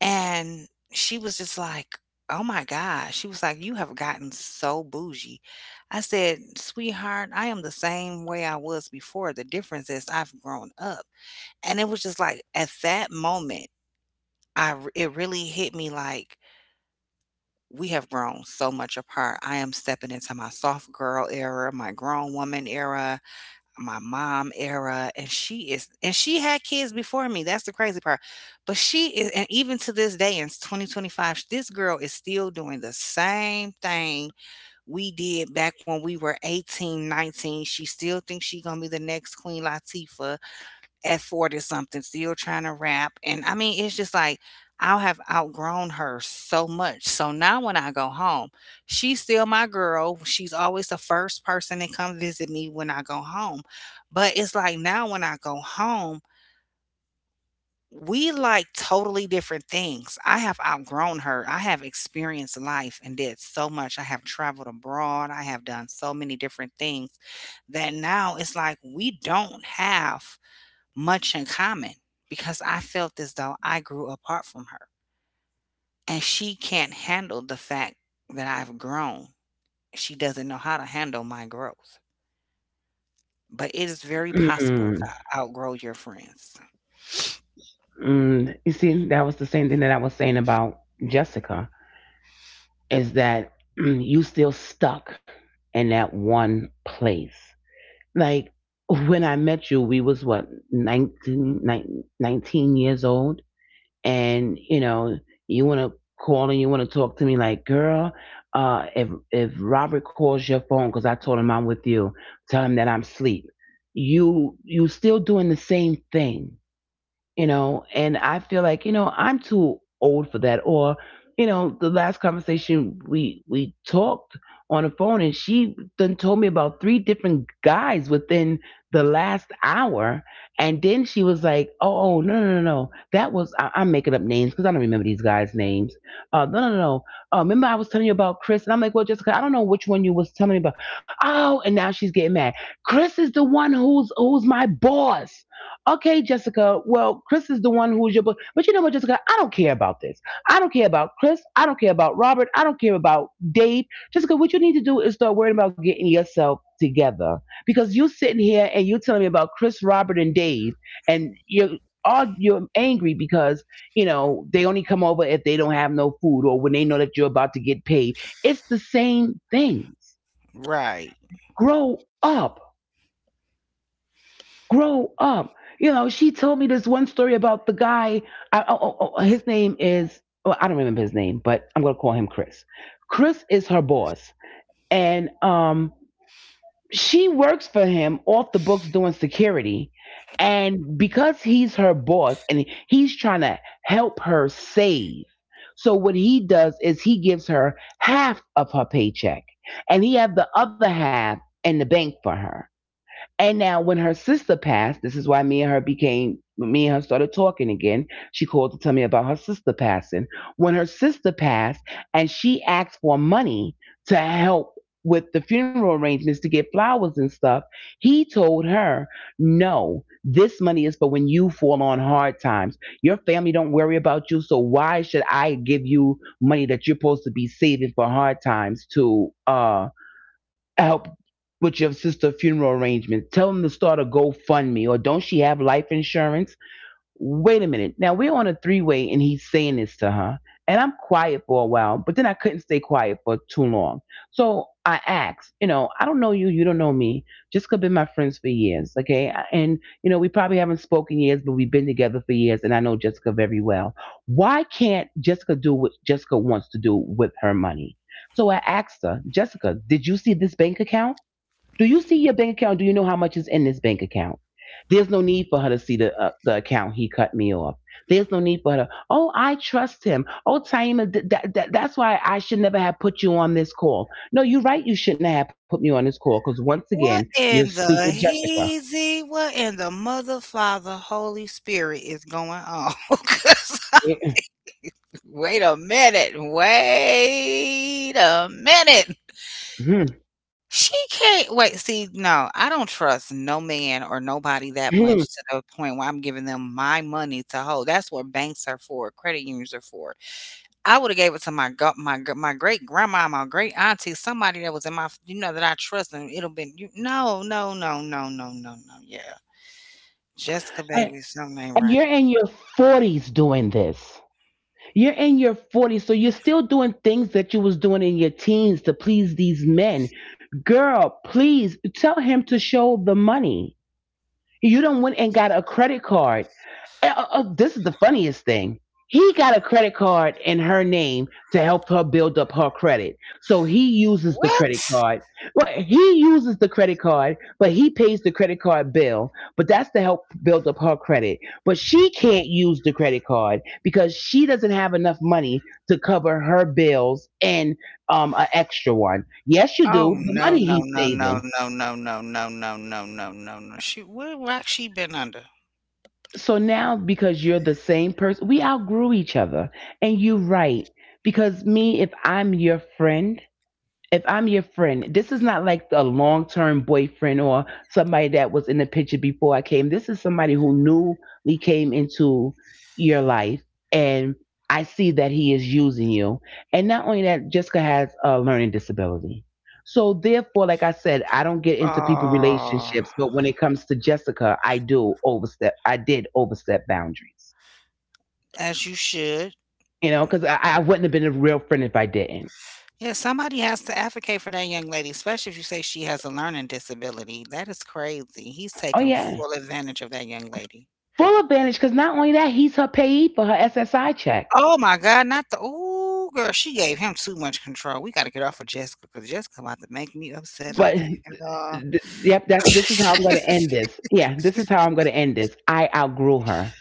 Speaker 2: And she was just like, "Oh my gosh." She was like, "You have gotten so bougie." I said, "Sweetheart, I am the same way I was before. The difference is I've grown up." And it was just like at that moment, it really hit me like we have grown so much apart. I am stepping into my soft girl era, my grown woman era, my mom era, and she is, and she had kids before me, that's the crazy part, but she is, and even to this day in 2025 this girl is still doing the same thing we did back when we were 18, 19. She still thinks she's gonna be the next Queen Latifah at 40 something, still trying to rap, and I mean it's just like I'll have outgrown her so much. So now when I go home, she's still my girl, she's always the first person that come visit me when I go home, but it's like now when I go home we like totally different things. I have outgrown her, I have experienced life and did so much, I have traveled abroad, I have done so many different things, that now it's like we don't have much in common because I felt as though I grew apart from her. And she can't handle the fact that I've grown. She doesn't know how to handle my growth. But it is very possible
Speaker 1: Mm.
Speaker 2: to outgrow your friends.
Speaker 1: Mm, you see, that was the same thing that I was saying about Jessica is that mm, you still stuck in that one place. Like when I met you, we was what nineteen years old, and you know you want to call and you want to talk to me like, girl, if Robert calls your phone because I told him I'm with you, tell him that I'm asleep. You still doing the same thing, you know, and I feel like, you know, I'm too old for that. Or you know, the last conversation we talked on the phone, and she then told me about three different guys within the last hour. And then she was like, "Oh, oh, no, no, no, no, that was, I, I'm making up names because I don't remember these guys names. Uh, no, no, no, no. Uh, remember I was telling you about Chris?" And I'm like, "Well, Jessica, I don't know which one you was telling me about." Oh, and now she's getting mad. "Chris is the one who's my boss." Okay, Jessica. Well, Chris is the one who's your book. But you know what, Jessica? I don't care about this. I don't care about Chris. I don't care about Robert. I don't care about Dave. Jessica, what you need to do is start worrying about getting yourself together. Because you sitting here and you telling me about Chris, Robert, and Dave, and you're all you're angry because you know they only come over if they don't have no food or when they know that you're about to get paid. It's the same things.
Speaker 2: Right.
Speaker 1: Grow up. Grow up. You know, she told me this one story about the guy. I, oh, oh, oh, his name is, well, I don't remember his name, but I'm going to call him Chris. Chris is her boss. And she works for him off the books doing security. And because he's her boss and he's trying to help her save. So what he does is he gives her half of her paycheck and he have the other half in the bank for her. And now when her sister passed, this is why me and her started talking again. She called to tell me about her sister passing. When her sister passed and she asked for money to help with the funeral arrangements to get flowers and stuff, he told her, "No, this money is for when you fall on hard times. Your family don't worry about you, so why should I give you money that you're supposed to be saving for hard times to help with your sister funeral arrangements? Tell them to start a GoFundMe. Or don't she have life insurance?" Wait a minute. Now we're on a three way and he's saying this to her. And I'm quiet for a while, but then I couldn't stay quiet for too long. So I asked, you know, "I don't know you, you don't know me. Jessica been my friends for years, okay? And, you know, we probably haven't spoken years, but we've been together for years, and I know Jessica very well. Why can't Jessica do what Jessica wants to do with her money?" So I asked her, "Jessica, did you see this bank account? Do you see your bank account? Do you know how much is in this bank account?" "There's no need for her to see the account," he cut me off. "There's no need for her. To—" "Oh, I trust him." "Oh, Taima, that, that's why I should never have put you on this call." "No, you're right. You shouldn't have put me on this call because once again,
Speaker 2: What
Speaker 1: you're
Speaker 2: in
Speaker 1: stupid,
Speaker 2: the
Speaker 1: Jessica."
Speaker 2: heezy, what in the mother, father, Holy Spirit is going on? 'Cause- wait a minute. Wait a minute. She can't wait, see, no, I don't trust no man or nobody that much to the point where I'm giving them my money to hold. That's what banks are for, credit unions are for. I woulda gave it to my go my g my great grandma, my great auntie, somebody that was in my f you know, that I trust and it'll been you no, no, no, no, no, no, no, yeah. Jessica,
Speaker 1: and,
Speaker 2: baby, something ain't
Speaker 1: and you're
Speaker 2: right.
Speaker 1: in your 40s doing this. You're in your 40s, so you're still doing things that you was doing in your teens to please these men. Girl, please tell him to show the money. You don't went and got a credit card. This is the funniest thing. He got a credit card in her name to help her build up her credit. So he uses the
Speaker 2: What?
Speaker 1: credit card. Well, he uses the credit card, but he pays the credit card bill. But that's to help build up her credit. But she can't use the credit card because she doesn't have enough money to cover her bills and an extra one. Yes, you
Speaker 2: Oh,
Speaker 1: do. The
Speaker 2: no,
Speaker 1: money
Speaker 2: no,
Speaker 1: he's
Speaker 2: no, no,
Speaker 1: saving.
Speaker 2: no, no, no, no, no, no, no, no, no. She what rock she been under?
Speaker 1: So now because you're the same person, we outgrew each other. And you are right, because me, if I'm your friend, this is not like a long term boyfriend or somebody that was in the picture before I came. This is somebody who newly came into your life, and I see that he is using you. And not only that, Jessica has a learning disability. So therefore, like I said, I don't get into people
Speaker 2: Oh.
Speaker 1: relationships, but when it comes to Jessica, I do overstep. I did overstep boundaries,
Speaker 2: As you should.
Speaker 1: you know, because I wouldn't have been a real friend if I didn't.
Speaker 2: Yeah, somebody has to advocate for that young lady, especially if you say she has a learning disability. That is crazy. He's
Speaker 1: Oh
Speaker 2: taking
Speaker 1: yeah.
Speaker 2: full advantage of that young lady.
Speaker 1: Full advantage, because not only that, he's her payee for her SSI check.
Speaker 2: Oh my God, not the ooh girl, she gave him too much control. We gotta get off of Jessica because Jessica about to make me upset over
Speaker 1: But
Speaker 2: here.
Speaker 1: yep, that's this is how I'm going to end this. Yeah, this is how I'm going to end this. I outgrew her.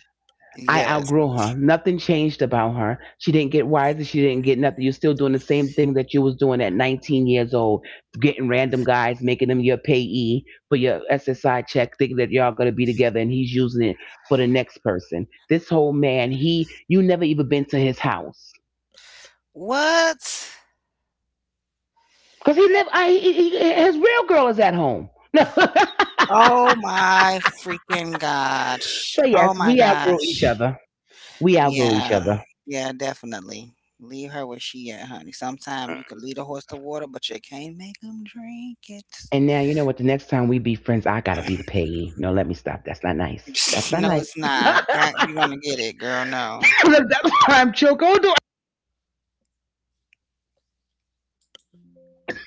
Speaker 1: I
Speaker 2: Yes.
Speaker 1: outgrew her. Nothing changed about her. She didn't get wiser. She didn't get nothing. You're still doing the same thing that you was doing at 19 years old, getting random guys, making them your payee for your SSI check, thinking that y'all going to be together, and he's using it for the next person. This whole man, he, you never even been to his house.
Speaker 2: What?
Speaker 1: Cause he live, he, his real girl is at home. No.
Speaker 2: Oh my freaking gosh.
Speaker 1: So
Speaker 2: Oh
Speaker 1: yes,
Speaker 2: my
Speaker 1: we outgrow each
Speaker 2: gosh.
Speaker 1: other. We outgrow each
Speaker 2: Yeah,
Speaker 1: other.
Speaker 2: yeah, definitely. Leave her where she at, honey. Sometimes you could lead a horse to water, but you can't make him drink it.
Speaker 1: And now you know what? The next time we be friends, I gotta be the payee. No, let me stop. That's not nice. That's not
Speaker 2: No,
Speaker 1: nice.
Speaker 2: it's not. God, you're gonna get it, girl. No,
Speaker 1: That's why I'm choke. Hold on.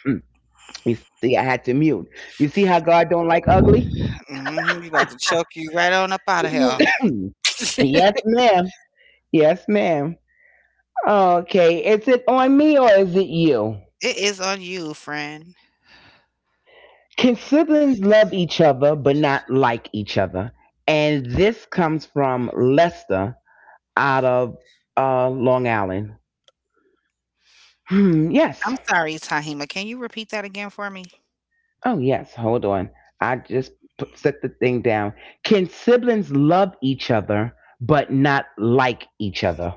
Speaker 1: Mm. You see, I had to mute. You see how God don't like ugly?
Speaker 2: hmm you about to choke you right on up out of here.
Speaker 1: Yes, ma'am. Yes, ma'am. Okay, is it on me or is it you?
Speaker 2: It is on you, friend.
Speaker 1: Can siblings love each other but not like each other? And this comes from Lester out of Long Island. Hmm, yes.
Speaker 2: I'm sorry, Tahima. Can you repeat that again for me?
Speaker 1: Oh, yes. Hold on. I just put, set the thing down. Can siblings love each other but not like each other?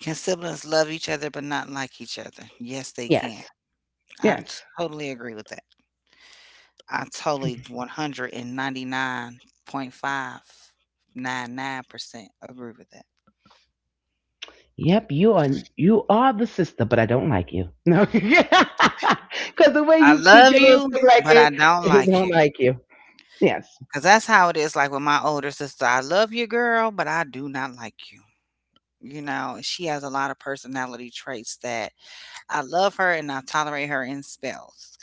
Speaker 2: Can siblings love each other but not like each other? Yes, they can.
Speaker 1: Yes.
Speaker 2: I
Speaker 1: Yes.
Speaker 2: totally agree with that. I totally 199.599% agree with that.
Speaker 1: Yep, you are, you are the sister, but I don't like you. No, because the way
Speaker 2: I
Speaker 1: you did
Speaker 2: love
Speaker 1: your little
Speaker 2: you,
Speaker 1: thing like
Speaker 2: but
Speaker 1: it,
Speaker 2: I don't
Speaker 1: he
Speaker 2: like
Speaker 1: don't
Speaker 2: you.
Speaker 1: like you. Yes.
Speaker 2: Because that's how it is, like with my older sister. I love you, girl, but I do not like you. You know, she has a lot of personality traits that I love her and I tolerate her in spells.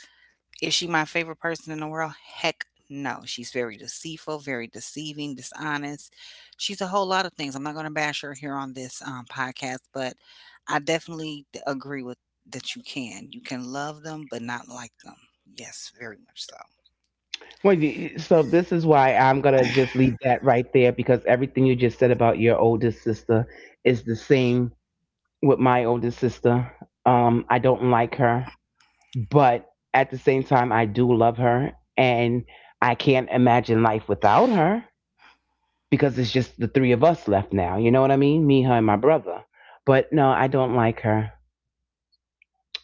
Speaker 2: Is she my favorite person in the world? Heck no. She's very deceitful, very deceiving, dishonest. She's a whole lot of things. I'm not going to bash her here on this podcast, but I definitely agree with that you can. You can love them, but not like them. Yes, very much so.
Speaker 1: Well, you— so this is why I'm gonna just leave that right there because everything you just said about your oldest sister is the same with my oldest sister. I don't like her, but at the same time, I do love her, and I can't imagine life without her because it's just the three of us left now. You know what I mean? Me, her, and my brother. But no, I don't like her.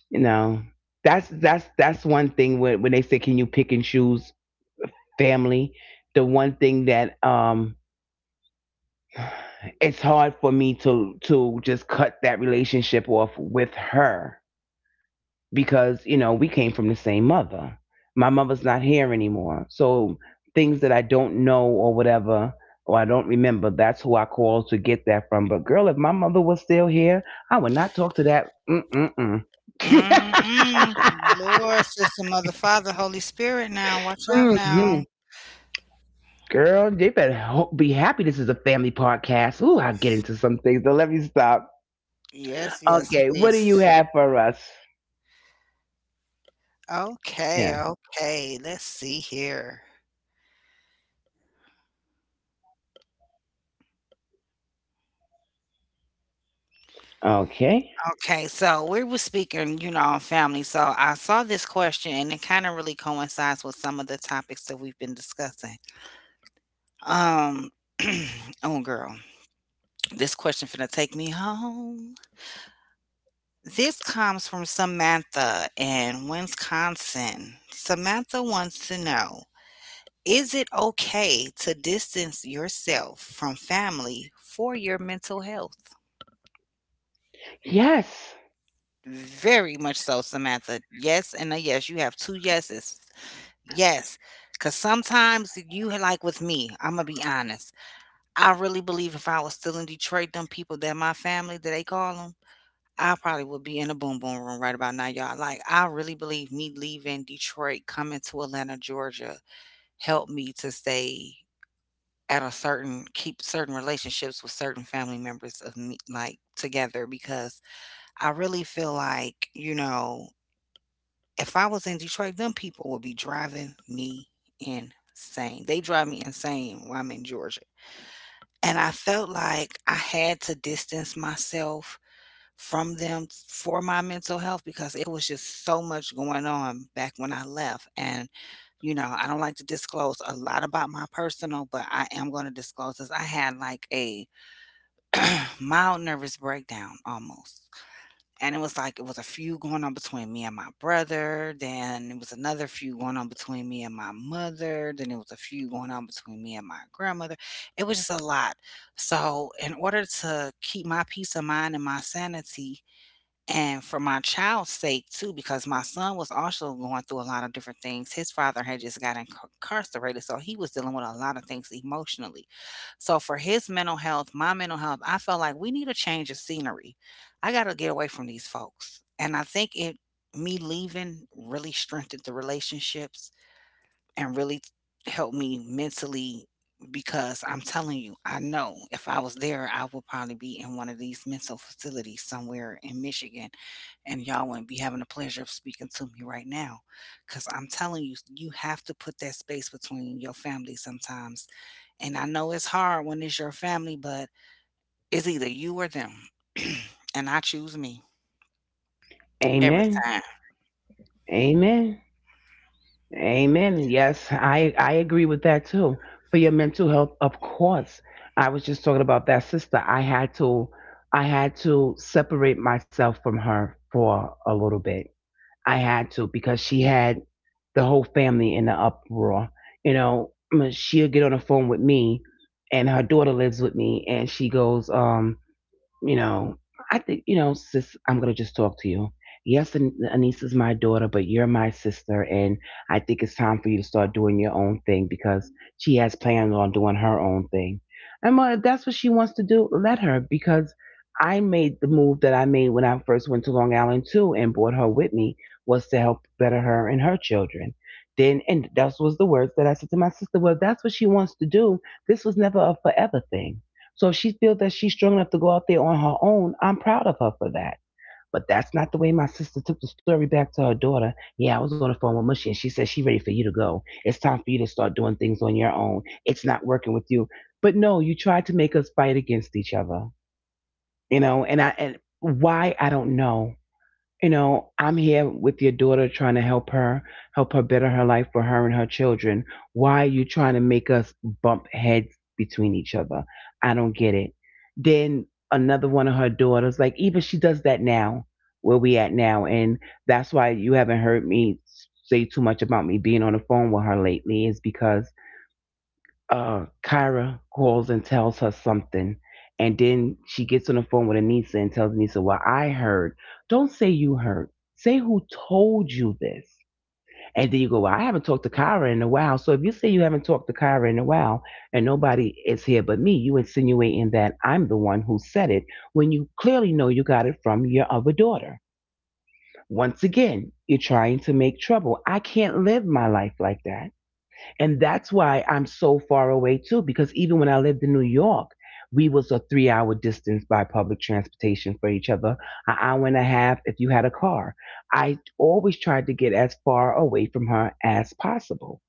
Speaker 1: You know, that's that's one thing when they say, "Can you pick and choose family?" The one thing that it's hard for me to just cut that relationship off with her, because you know we came from the same mother. My mother's not here anymore, so things that I don't know or whatever, or I don't remember, that's who I call to get that from. But girl, if my mother was still here, I would not talk to that. Mm-mm-mm.
Speaker 2: Mm-mm. Lord, sister, mother, father, Holy Spirit now. Watch out
Speaker 1: Mm-hmm.
Speaker 2: now.
Speaker 1: Girl, they better be happy this is a family podcast. Ooh, I get into some things, but let me stop.
Speaker 2: Yes, yes,
Speaker 1: Okay, what
Speaker 2: please.
Speaker 1: do you have for us?
Speaker 2: Okay,
Speaker 1: Yeah.
Speaker 2: okay. Let's see here.
Speaker 1: Okay.
Speaker 2: Okay, so we were speaking, you know, on family. So I saw this question and it kind of really coincides with some of the topics that we've been discussing. Um, oh girl, this question finna take me home. This comes from Samantha in Wisconsin. Samantha wants to know, is it okay to distance yourself from family for your mental health?
Speaker 1: Yes.
Speaker 2: Very much so, Samantha. Yes and a yes. You have two yeses. Yes, cause sometimes you like with me, Imma be honest. I really believe if I was still in Detroit, them people that my family that they call them, I probably would be in a boom boom room right about now, y'all. Like, I really believe me leaving Detroit, coming to Atlanta, Georgia, helped me to stay at a certain keep certain relationships with certain family members of me, like, together because I really feel like, you know, if I was in Detroit, them people would be driving me insane. They drive me insane when I'm in Georgia. And I felt like I had to distance myself from them for my mental health because it was just so much going on back when I left. And, you know, I don't like to disclose a lot about my personal, but I am going to disclose this. I had like a mild nervous breakdown almost, and it was like it was a feud going on between me and my brother. Then it was another feud going on between me and my mother. Then it was a feud going on between me and my grandmother. It was just a lot. So, in order to keep my peace of mind and my sanity, and for my child's sake too, because my son was also going through a lot of different things. His father had just got incarcerated, so he was dealing with a lot of things emotionally. So for his mental health, my mental health, I felt like we need a change of scenery. I gotta get away from these folks. And I think it me leaving really strengthened the relationships and really helped me mentally because I'm telling you, I know if I was there, I would probably be in one of these mental facilities somewhere in Michigan, and y'all wouldn't be having the pleasure of speaking to me right now. Because I'm telling you, you have to put that space between your family sometimes. And I know it's hard when it's your family, but it's either you or them. And I choose me every
Speaker 1: Amen.
Speaker 2: time.
Speaker 1: Amen. Amen. Yes, I agree with that too. For your mental health, of course. I was just talking about that sister. I had to separate myself from her for a little bit. I had to because she had the whole family in the uproar. You know, I mean, she'll get on the phone with me and her daughter lives with me and she goes, you know, I think, sis, I'm going to just talk to you. Yes, Anissa's my daughter, but you're my sister. And I think it's time for you to start doing your own thing because she has plans on doing her own thing. And well, if that's what she wants to do, let her, because I made the move that I made when I first went to Long Island too and brought her with me was to help better her and her children. Then, and that was the words that I said to my sister, well, if that's what she wants to do. This was never a forever thing, so if she feels that she's strong enough to go out there on her own, I'm proud of her for that. But that's not the way my sister took the story back to her daughter. Yeah, I was on the phone with Mushy and she said she ready for you to go. It's time for you to start doing things on your own. It's not working with you. But no, you tried to make us fight against each other. You know, and I and why I don't know, you know, I'm here with your daughter trying to help her better her life for her and her children. Why are you trying to make us bump heads between each other? I don't get it. Then another one of her daughters, like, even she does that now, where we at now. And that's why you haven't heard me say too much about me being on the phone with her lately, is because Kyra calls and tells her something, and then she gets on the phone with Anissa and tells Anissa, "Well, I heard. Don't say you heard. Say who told you this." And then you go, "Well, I haven't talked to Kyra in a while." So if you say you haven't talked to Kyra in a while, and nobody is here but me, you insinuating that I'm the one who said it when you clearly know you got it from your other daughter. Once again, you're trying to make trouble. I can't live my life like that, and that's why I'm so far away too, because even when I lived in New York, we was a 3 hour distance by public transportation for each other, an hour and a half if you had a car. I always tried to get as far away from her as possible.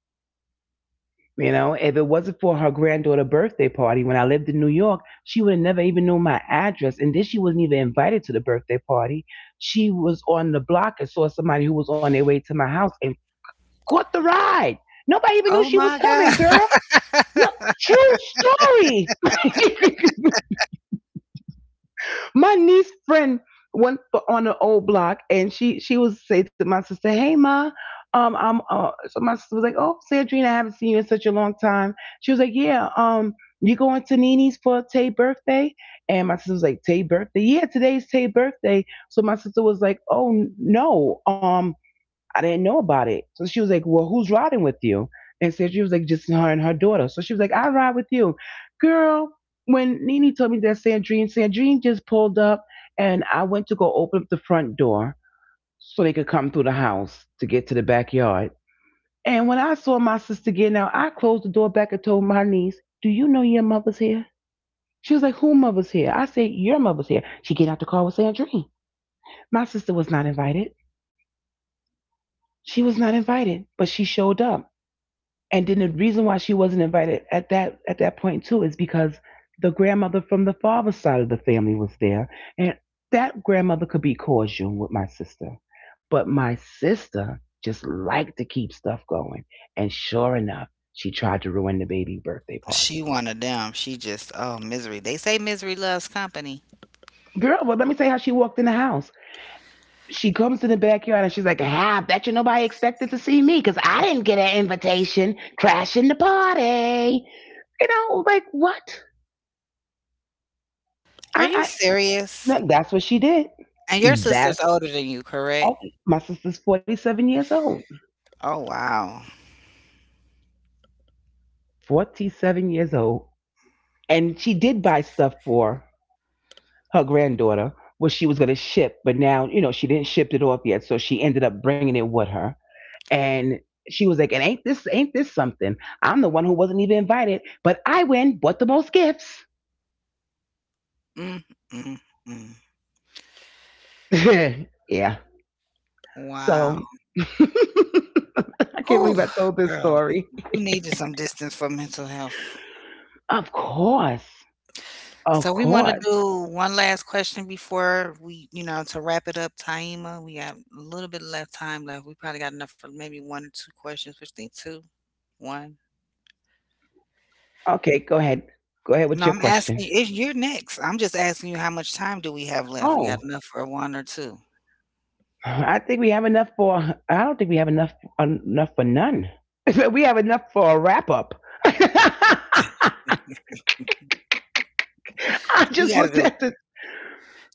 Speaker 1: You know, if it wasn't for her granddaughter birthday party when I lived in New York, she would have never even known my address. And then she wasn't even invited to the birthday party. She was on the block and saw somebody who was on their way to my house and caught the ride. Nobody even knew
Speaker 2: Oh
Speaker 1: she was
Speaker 2: my
Speaker 1: coming,
Speaker 2: God.
Speaker 1: girl. No, true story. My niece friend went for, on an old block, and she was say to my sister, "Hey, ma." I'm so my sister was like, "Oh, Sandrine, I haven't seen you in such a long time." She was like, "Yeah, you going to Nini's for Tay's birthday?" And my sister was like, "Tay's birthday? Yeah, today's Tay's birthday." So my sister was like, "Oh no, I didn't know about it." So she was like, "Well, who's riding with you?" And so she was like, "Just her and her daughter." So she was like, "I'll ride with you." Girl, when Nene told me that Sandrine, Sandrine just pulled up, and I went to go open up the front door so they could come through the house to get to the backyard. And when I saw my sister getting out, I closed the door back and told my niece, "Do you know your mother's here?" She was like, "Who mother's here?" I said, "Your mother's here. She get out the car with Sandrine." My sister was not invited. She was not invited, but she showed up. And then the reason why she wasn't invited at that point too is because the grandmother from the father's side of the family was there, and that grandmother could be cordial with my sister, but my sister just liked to keep stuff going. And sure enough, she tried to ruin the baby birthday
Speaker 2: She
Speaker 1: party.
Speaker 2: one of them. She just oh misery. They say misery loves company.
Speaker 1: Girl, well, let me tell you how she walked in the house. She comes to the backyard and she's like, "Ah, I bet you nobody expected to see me because I didn't get an invitation. Crashing the party." You know, like, what
Speaker 2: Are
Speaker 1: I."
Speaker 2: you
Speaker 1: I.
Speaker 2: serious?
Speaker 1: No, that's what she did.
Speaker 2: And your sister's
Speaker 1: That's
Speaker 2: older than you, correct?
Speaker 1: oh, my sister's 47 years old.
Speaker 2: Oh wow.
Speaker 1: 47 years old. And she did buy stuff for her granddaughter, what she was going to ship, but now, you know, she didn't ship it off yet. So she ended up bringing it with her. And she was like, "And ain't this something? I'm the one who wasn't even invited, but I win, bought the most gifts."
Speaker 2: Mm, mm, mm.
Speaker 1: Yeah.
Speaker 2: Wow.
Speaker 1: So I can't
Speaker 2: Whew,
Speaker 1: believe I told this
Speaker 2: girl,
Speaker 1: story.
Speaker 2: you needed some distance for mental health.
Speaker 1: Of course. Of
Speaker 2: So we want to
Speaker 1: course.
Speaker 2: do one last question before we, you know, to wrap it up, Taima. We got a little bit left time left. We probably got enough for maybe one or two questions, which think two, one.
Speaker 1: Okay, go ahead. Go ahead with your question.
Speaker 2: No, I'm asking you, it's you're next. I'm just asking you how much time do we have
Speaker 1: Oh,
Speaker 2: left? We got enough for one or two?
Speaker 1: I think we have enough for. I don't think we have enough for none. We have enough for a wrap up. I
Speaker 2: We
Speaker 1: just
Speaker 2: gotta
Speaker 1: looked
Speaker 2: do
Speaker 1: at the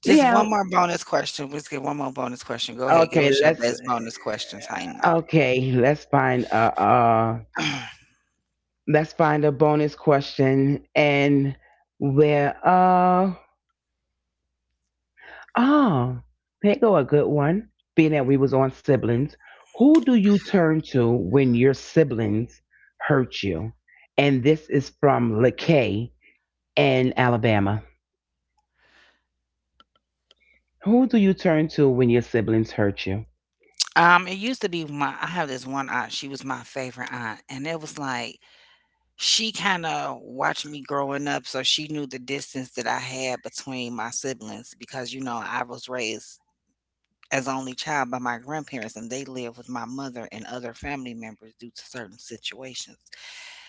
Speaker 2: just one
Speaker 1: yeah.
Speaker 2: more bonus question. Let's get one more bonus question. Go ahead, give
Speaker 1: Okay,
Speaker 2: us your
Speaker 1: let's
Speaker 2: best bonus question, Taima.
Speaker 1: okay, uh let's find a bonus question and where uh oh, here go a good one. Being that we was on siblings, who do you turn to when your siblings hurt you? And this is from LaKay in Alabama. Who do you turn to when your siblings hurt you?
Speaker 2: It used to be my I have this one aunt, she was my favorite aunt, and it was like, she kinda watched me growing up, so she knew the distance that I had between my siblings because, you know, I was raised as only child by my grandparents and they live with my mother and other family members due to certain situations.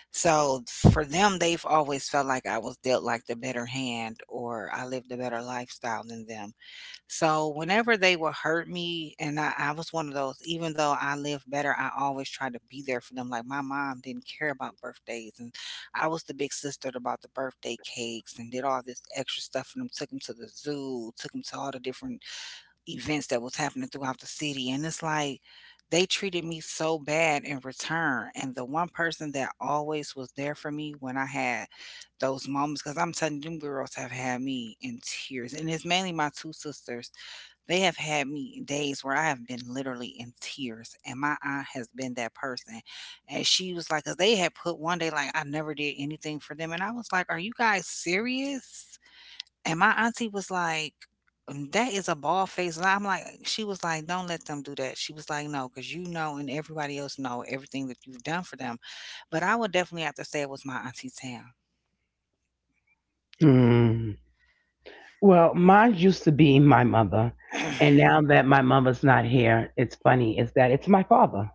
Speaker 2: So for them they've always felt like I was dealt like the better hand or I lived a better lifestyle than them. So whenever they would hurt me and I was one of those, even though I lived better, I always tried to be there for them. Like my mom didn't care about birthdays and I was the big sister that bought the birthday cakes and did all this extra stuff for them, took them to the zoo, took them to all the different events that was happening throughout the city. And it's like they treated me so bad in return, and the one person that always was there for me when I had those moments, because I'm telling you, them girls have had me in tears, and it's mainly my two sisters. They have had me in days where I have been literally in tears, and my aunt has been that person. And she was like, 'cause they had put one day like I never did anything for them, and I was like, are you guys serious? And my auntie was like, "Mm, that is a bald face lie." I'm like, she was like, "Don't let them do that." She was like, "No, because you know, and everybody else know everything that you've done for them." But I would definitely have to say it was my auntie Tam.
Speaker 1: Hmm. Well, mine used to be my mother, and now that my mother's not here, it's funny is that it's my father.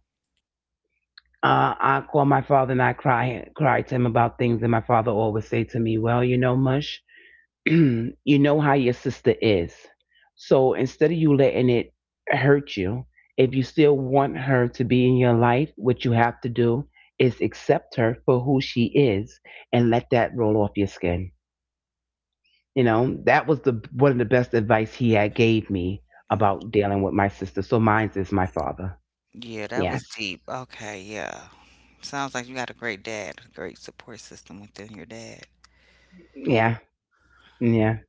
Speaker 1: I call my father and I cry to him about things, and my father always say to me, "Well, you know, Mush, you know how your sister is. So instead of you letting it hurt you, if you still want her to be in your life, what you have to do is accept her for who she is and let that roll off your skin." You know, that was the one of the best advice he had gave me
Speaker 2: Mm,
Speaker 1: about dealing with my sister. So mine's is my father.
Speaker 2: yeah, that
Speaker 1: Yes.
Speaker 2: was deep. Okay, yeah. Sounds like you got a great dad, a great support system within your dad.
Speaker 1: Yeah. Yeah.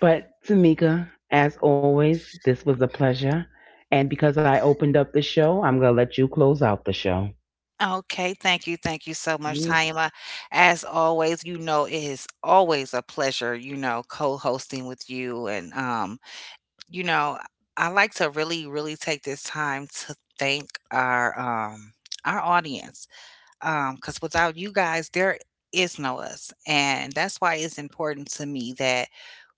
Speaker 1: But Tamika, as always, this was a pleasure. And because I opened up the show, I'm going to let you close out the show.
Speaker 2: Okay, thank you. Thank you so much,
Speaker 1: Mm.
Speaker 2: Taima. As always, you know, it is always a pleasure, you know, co-hosting with you, and you know, I like to really, really take this time to thank our audience. Because without you guys, there is no us. And that's why it's important to me that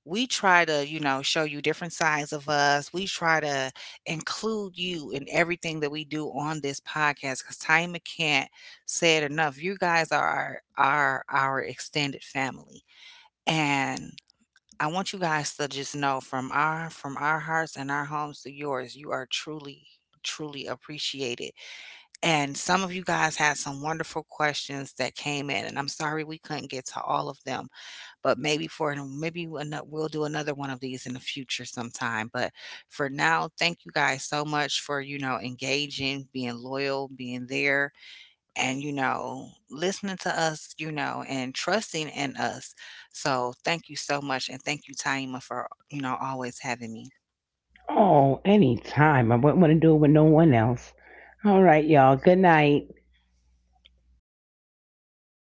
Speaker 2: we try to, you know, show you different sides of us. We try to include you in everything that we do on this podcast, because Time can't say it enough. You guys are our our extended family. And I want you guys to just know from our hearts and our homes to yours, you are truly truly appreciated. And some of you guys had some wonderful questions that came in, and I'm sorry we couldn't get to all of them, but maybe for maybe we'll do another one of these in the future sometime. But for now, thank you guys so much for, you know, engaging, being loyal, being there, and you know, listening to us, you know, and trusting in us. So thank you so much, and thank you, Taima, for, you know, always having me.
Speaker 1: Oh, anytime. I wouldn't want to do it with no one else. All right, y'all. Good night.